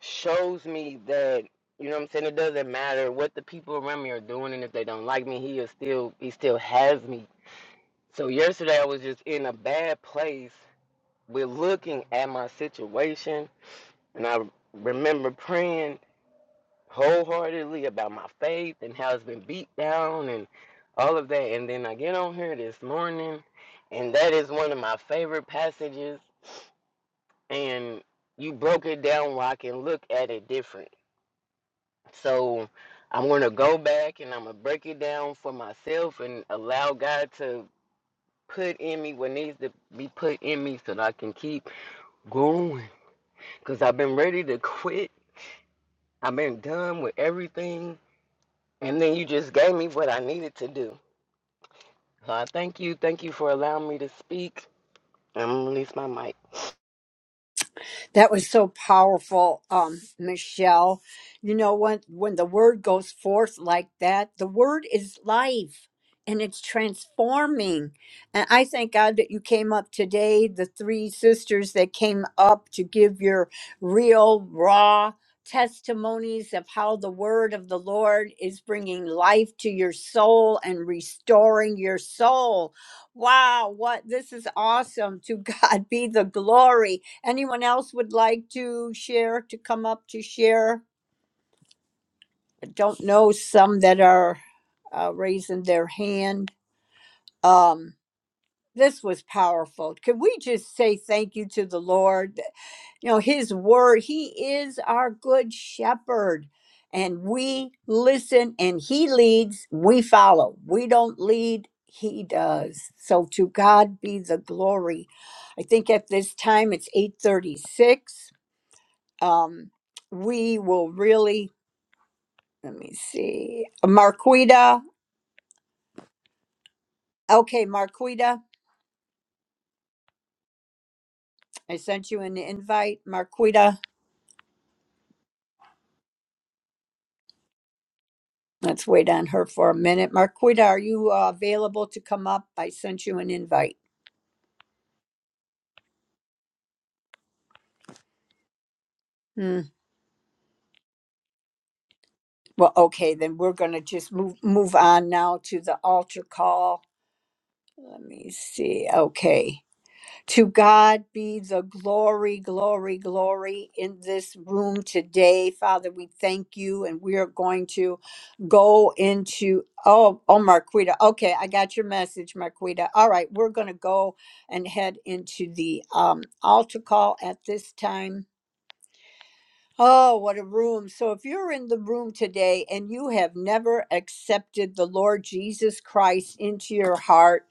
Speaker 11: shows me that you know what I'm saying. It doesn't matter what the people around me are doing, and if they don't like me, he is still he still has me. So yesterday I was just in a bad place with looking at my situation, and I remember praying wholeheartedly about my faith and how it's been beat down and all of that. And then I get on here this morning, and that is one of my favorite passages. And you broke it down where I can look at it different. So I'm going to go back and I'm going to break it down for myself and allow God to put in me what needs to be put in me so that I can keep going. Because I've been ready to quit, I've been done with everything. And then you just gave me what I needed to do. So I thank you. Thank you for allowing me to speak. I'm going to release my mic.
Speaker 1: That was so powerful, um, Michelle. You know when when the word goes forth like that, the word is life and it's transforming. And I thank God that you came up today, the three sisters that came up to give your real raw testimonies of how the word of the Lord is bringing life to your soul and restoring your soul. Wow, what this is awesome. To God be the glory. Anyone else would like to share, to come up to share? I don't know some that are uh, raising their hand. Um, this was powerful. Could we just say thank you to the Lord? You know, His Word, He is our good shepherd, and we listen and He leads, we follow. We don't lead, He does. So to God be the glory. I think at this time it's 836 um, we will really, let me see, Marquita. Okay, Marquita, I sent you an invite. Marquita, let's wait on her for a minute. Marquita, are you uh, available to come up? I sent you an invite. Hmm. Well, okay, then we're going to just move, move on now to the altar call. Let me see. Okay. To God be the glory, glory, glory in this room today. Father, we thank you, and we are going to go into. Oh, oh, Marquita. Okay, I got your message, Marquita. All right, we're going to go and head into the um, altar call at this time. Oh, what a room. So, if you're in the room today and you have never accepted the Lord Jesus Christ into your heart,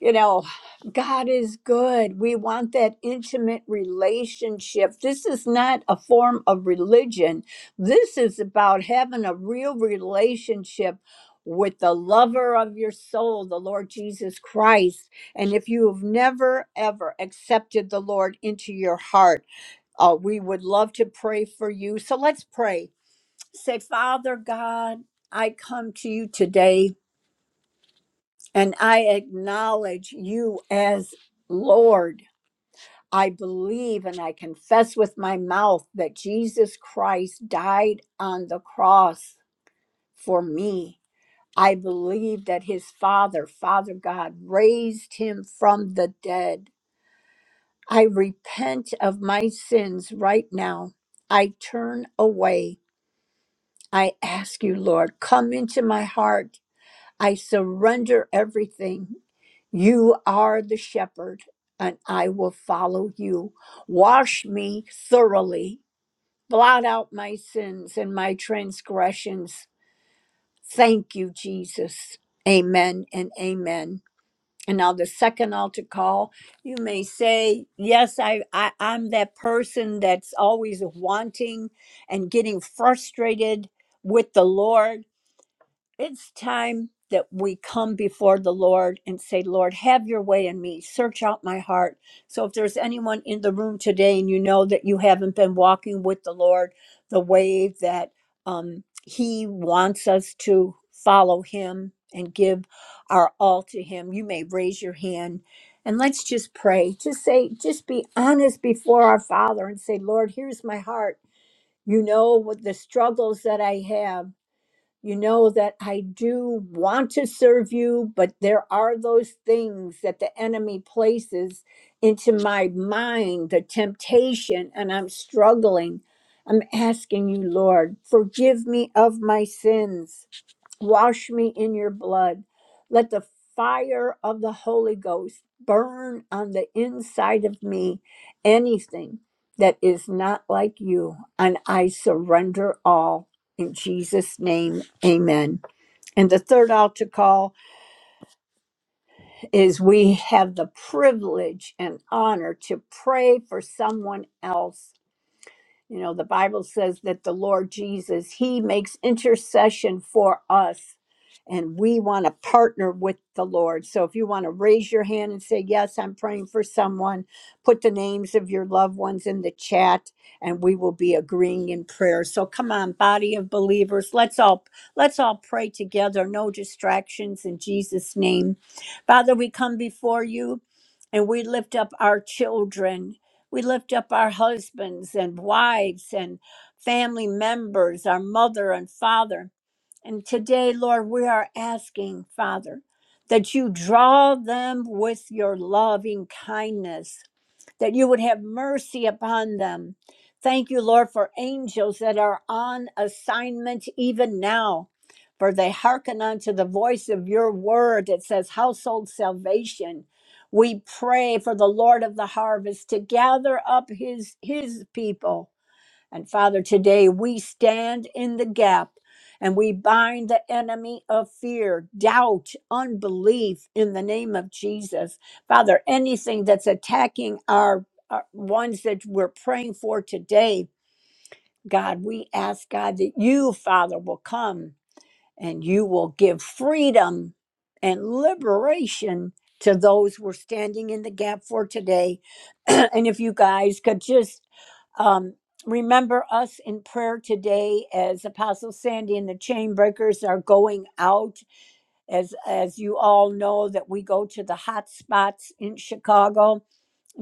Speaker 1: you know, God is good. We want that intimate relationship. This is not a form of religion. This is about having a real relationship with the lover of your soul, the Lord Jesus Christ. And if you have never, ever accepted the Lord into your heart, uh, we would love to pray for you. So let's pray. Say, Father God, I come to you today. And I acknowledge you as Lord. I believe and I confess with my mouth that Jesus Christ died on the cross for me. I believe that his Father, Father God, raised him from the dead. I repent of my sins right now. I turn away. I ask you, Lord, come into my heart I surrender everything. You are the shepherd, and I will follow you. Wash me thoroughly, blot out my sins and my transgressions. Thank you, Jesus. Amen and amen. And now the second altar call, you may say, Yes, I, I, I'm that person that's always wanting and getting frustrated with the Lord it's time that we come before the Lord and say, Lord, have your way in me. Search out my heart. So, if there's anyone in the room today and you know that you haven't been walking with the Lord the way that um, He wants us to follow Him and give our all to Him, you may raise your hand and let's just pray. Just say, just be honest before our Father and say, Lord, here's my heart. You know what the struggles that I have. You know that I do want to serve you, but there are those things that the enemy places into my mind, the temptation, and I'm struggling. I'm asking you, Lord, forgive me of my sins. Wash me in your blood. Let the fire of the Holy Ghost burn on the inside of me anything that is not like you. And I surrender all in Jesus' name. Amen. And the third altar call is we have the privilege and honor to pray for someone else you know, the Bible says that the Lord Jesus, He makes intercession for us, and we want to partner with the Lord. So if you want to raise your hand and say, Yes, I'm praying for someone, put the names of your loved ones in the chat, and we will be agreeing in prayer. So come on, body of believers, let's all let's all pray together. No distractions in Jesus' name. Father, we come before you and we lift up our children. We lift up our husbands and wives and family members, our mother and father. And today, Lord, we are asking, Father, that you draw them with your loving kindness that you would have mercy upon them. Thank you, Lord, for angels that are on assignment even now, for they hearken unto the voice of your word. It says, Household salvation. We pray for the Lord of the harvest to gather up his, his people and Father, today we stand in the gap and we bind the enemy of fear, doubt, unbelief in the name of Jesus. Father, anything that's attacking our, our ones that we're praying for today, God, we ask God that you, Father, will come and you will give freedom and liberation to those we're standing in the gap for today. and if you guys could just um, remember us in prayer today as Apostle Sandy and the Chainbreakers are going out. As, as you all know, that we go to the hot spots in Chicago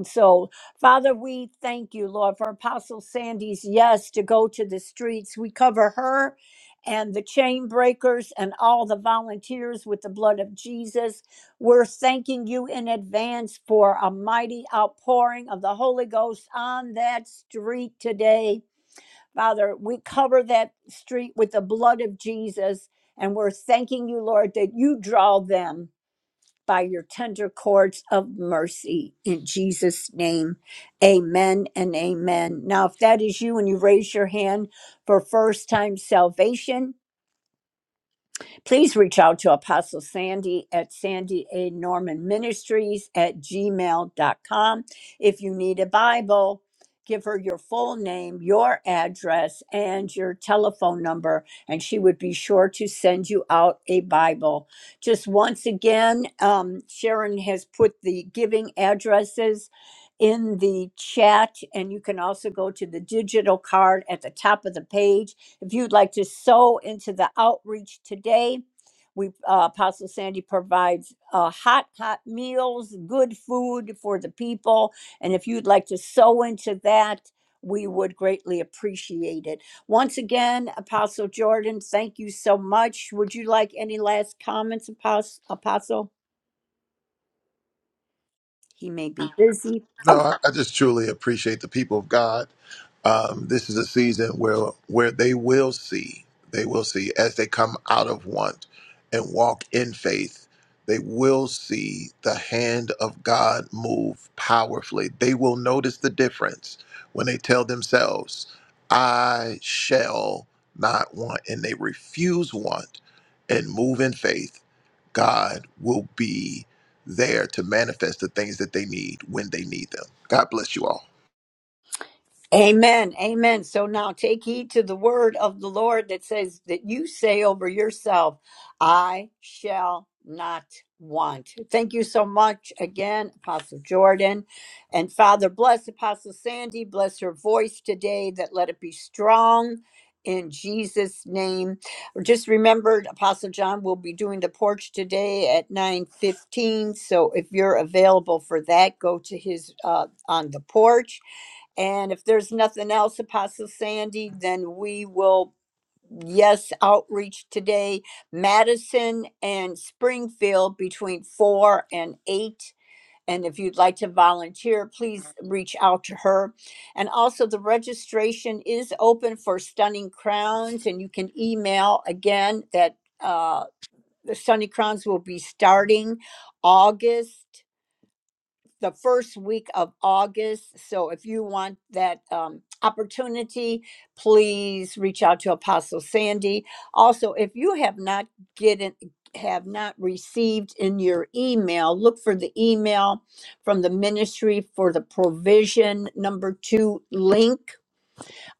Speaker 1: so, Father, we thank you, Lord, for Apostle Sandy's yes to go to the streets. We cover her and the chain breakers and all the volunteers with the blood of Jesus. We're thanking you in advance for a mighty outpouring of the Holy Ghost on that street today. Father, we cover that street with the blood of Jesus, and we're thanking you, Lord, that you draw them by your tender cords of mercy. In Jesus' name, amen and amen. Now, if that is you and you raise your hand for first time salvation, Please reach out to Apostle Sandy at Sandy A. Norman Ministries at gmail dot com If you need a Bible, give her your full name, your address, and your telephone number, and she would be sure to send you out a Bible. Just once again, um, Sharon has put the giving addresses in the chat, and you can also go to the digital card at the top of the page if you'd like to sow into the outreach today, we uh, Apostle Sandy provides uh, hot, hot meals, good food for the people, and if you'd like to sow into that, we would greatly appreciate it. Once again, Apostle Jordan, thank you so much. Would you like any last comments, Apos- Apostle? He may be busy. Oh,
Speaker 5: No, I, I just truly appreciate the people of God. Um, this is a season where where they will see, they will see as they come out of want and walk in faith. They will see the hand of God move powerfully. They will notice the difference when they tell themselves, "I shall not want," and they refuse want and move in faith God will be there to manifest the things that they need when they need them. God bless you all.
Speaker 1: Amen. Amen. So now take heed to the word of the Lord that says that you say over yourself, I shall not want. Thank you so much again, Apostle Jordan. And Father, bless Apostle Sandy, bless her voice today, that let it be strong in Jesus' name. Just remembered Apostle John will be doing the porch today at 9:15. So if you're available for that, go to his uh on the porch and if there's nothing else, Apostle Sandy, then we will, yes, outreach today, Madison and Springfield between four and eight. And if you'd like to volunteer, please reach out to her. And also, the registration is open for Stunning Crowns, and you can email again that uh, the Stunning Crowns will be starting August the first week of August. So if you want that um, opportunity, please reach out to Apostle Sandy. Also, if you have not get in, have not received in your email, look for the email from the ministry for the provision number two link.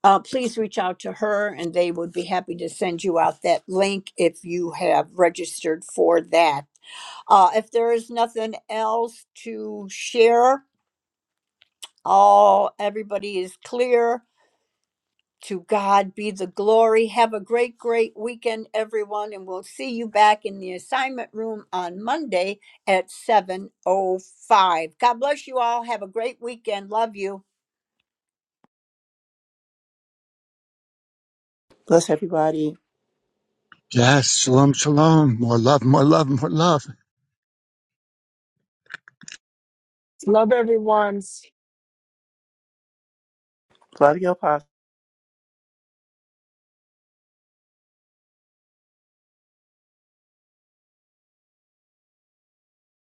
Speaker 1: Uh, please reach out to her and they would be happy to send you out that link if you have registered for that. Uh, if there is nothing else to share, all everybody is clear to god be the glory have a great great weekend everyone and we'll see you back in the assignment room on monday at 7.05 god bless you all have a great weekend love you
Speaker 7: bless everybody
Speaker 2: Yes, shalom, shalom. More love, more love, more love.
Speaker 8: Love everyone's.
Speaker 7: love you Apostle.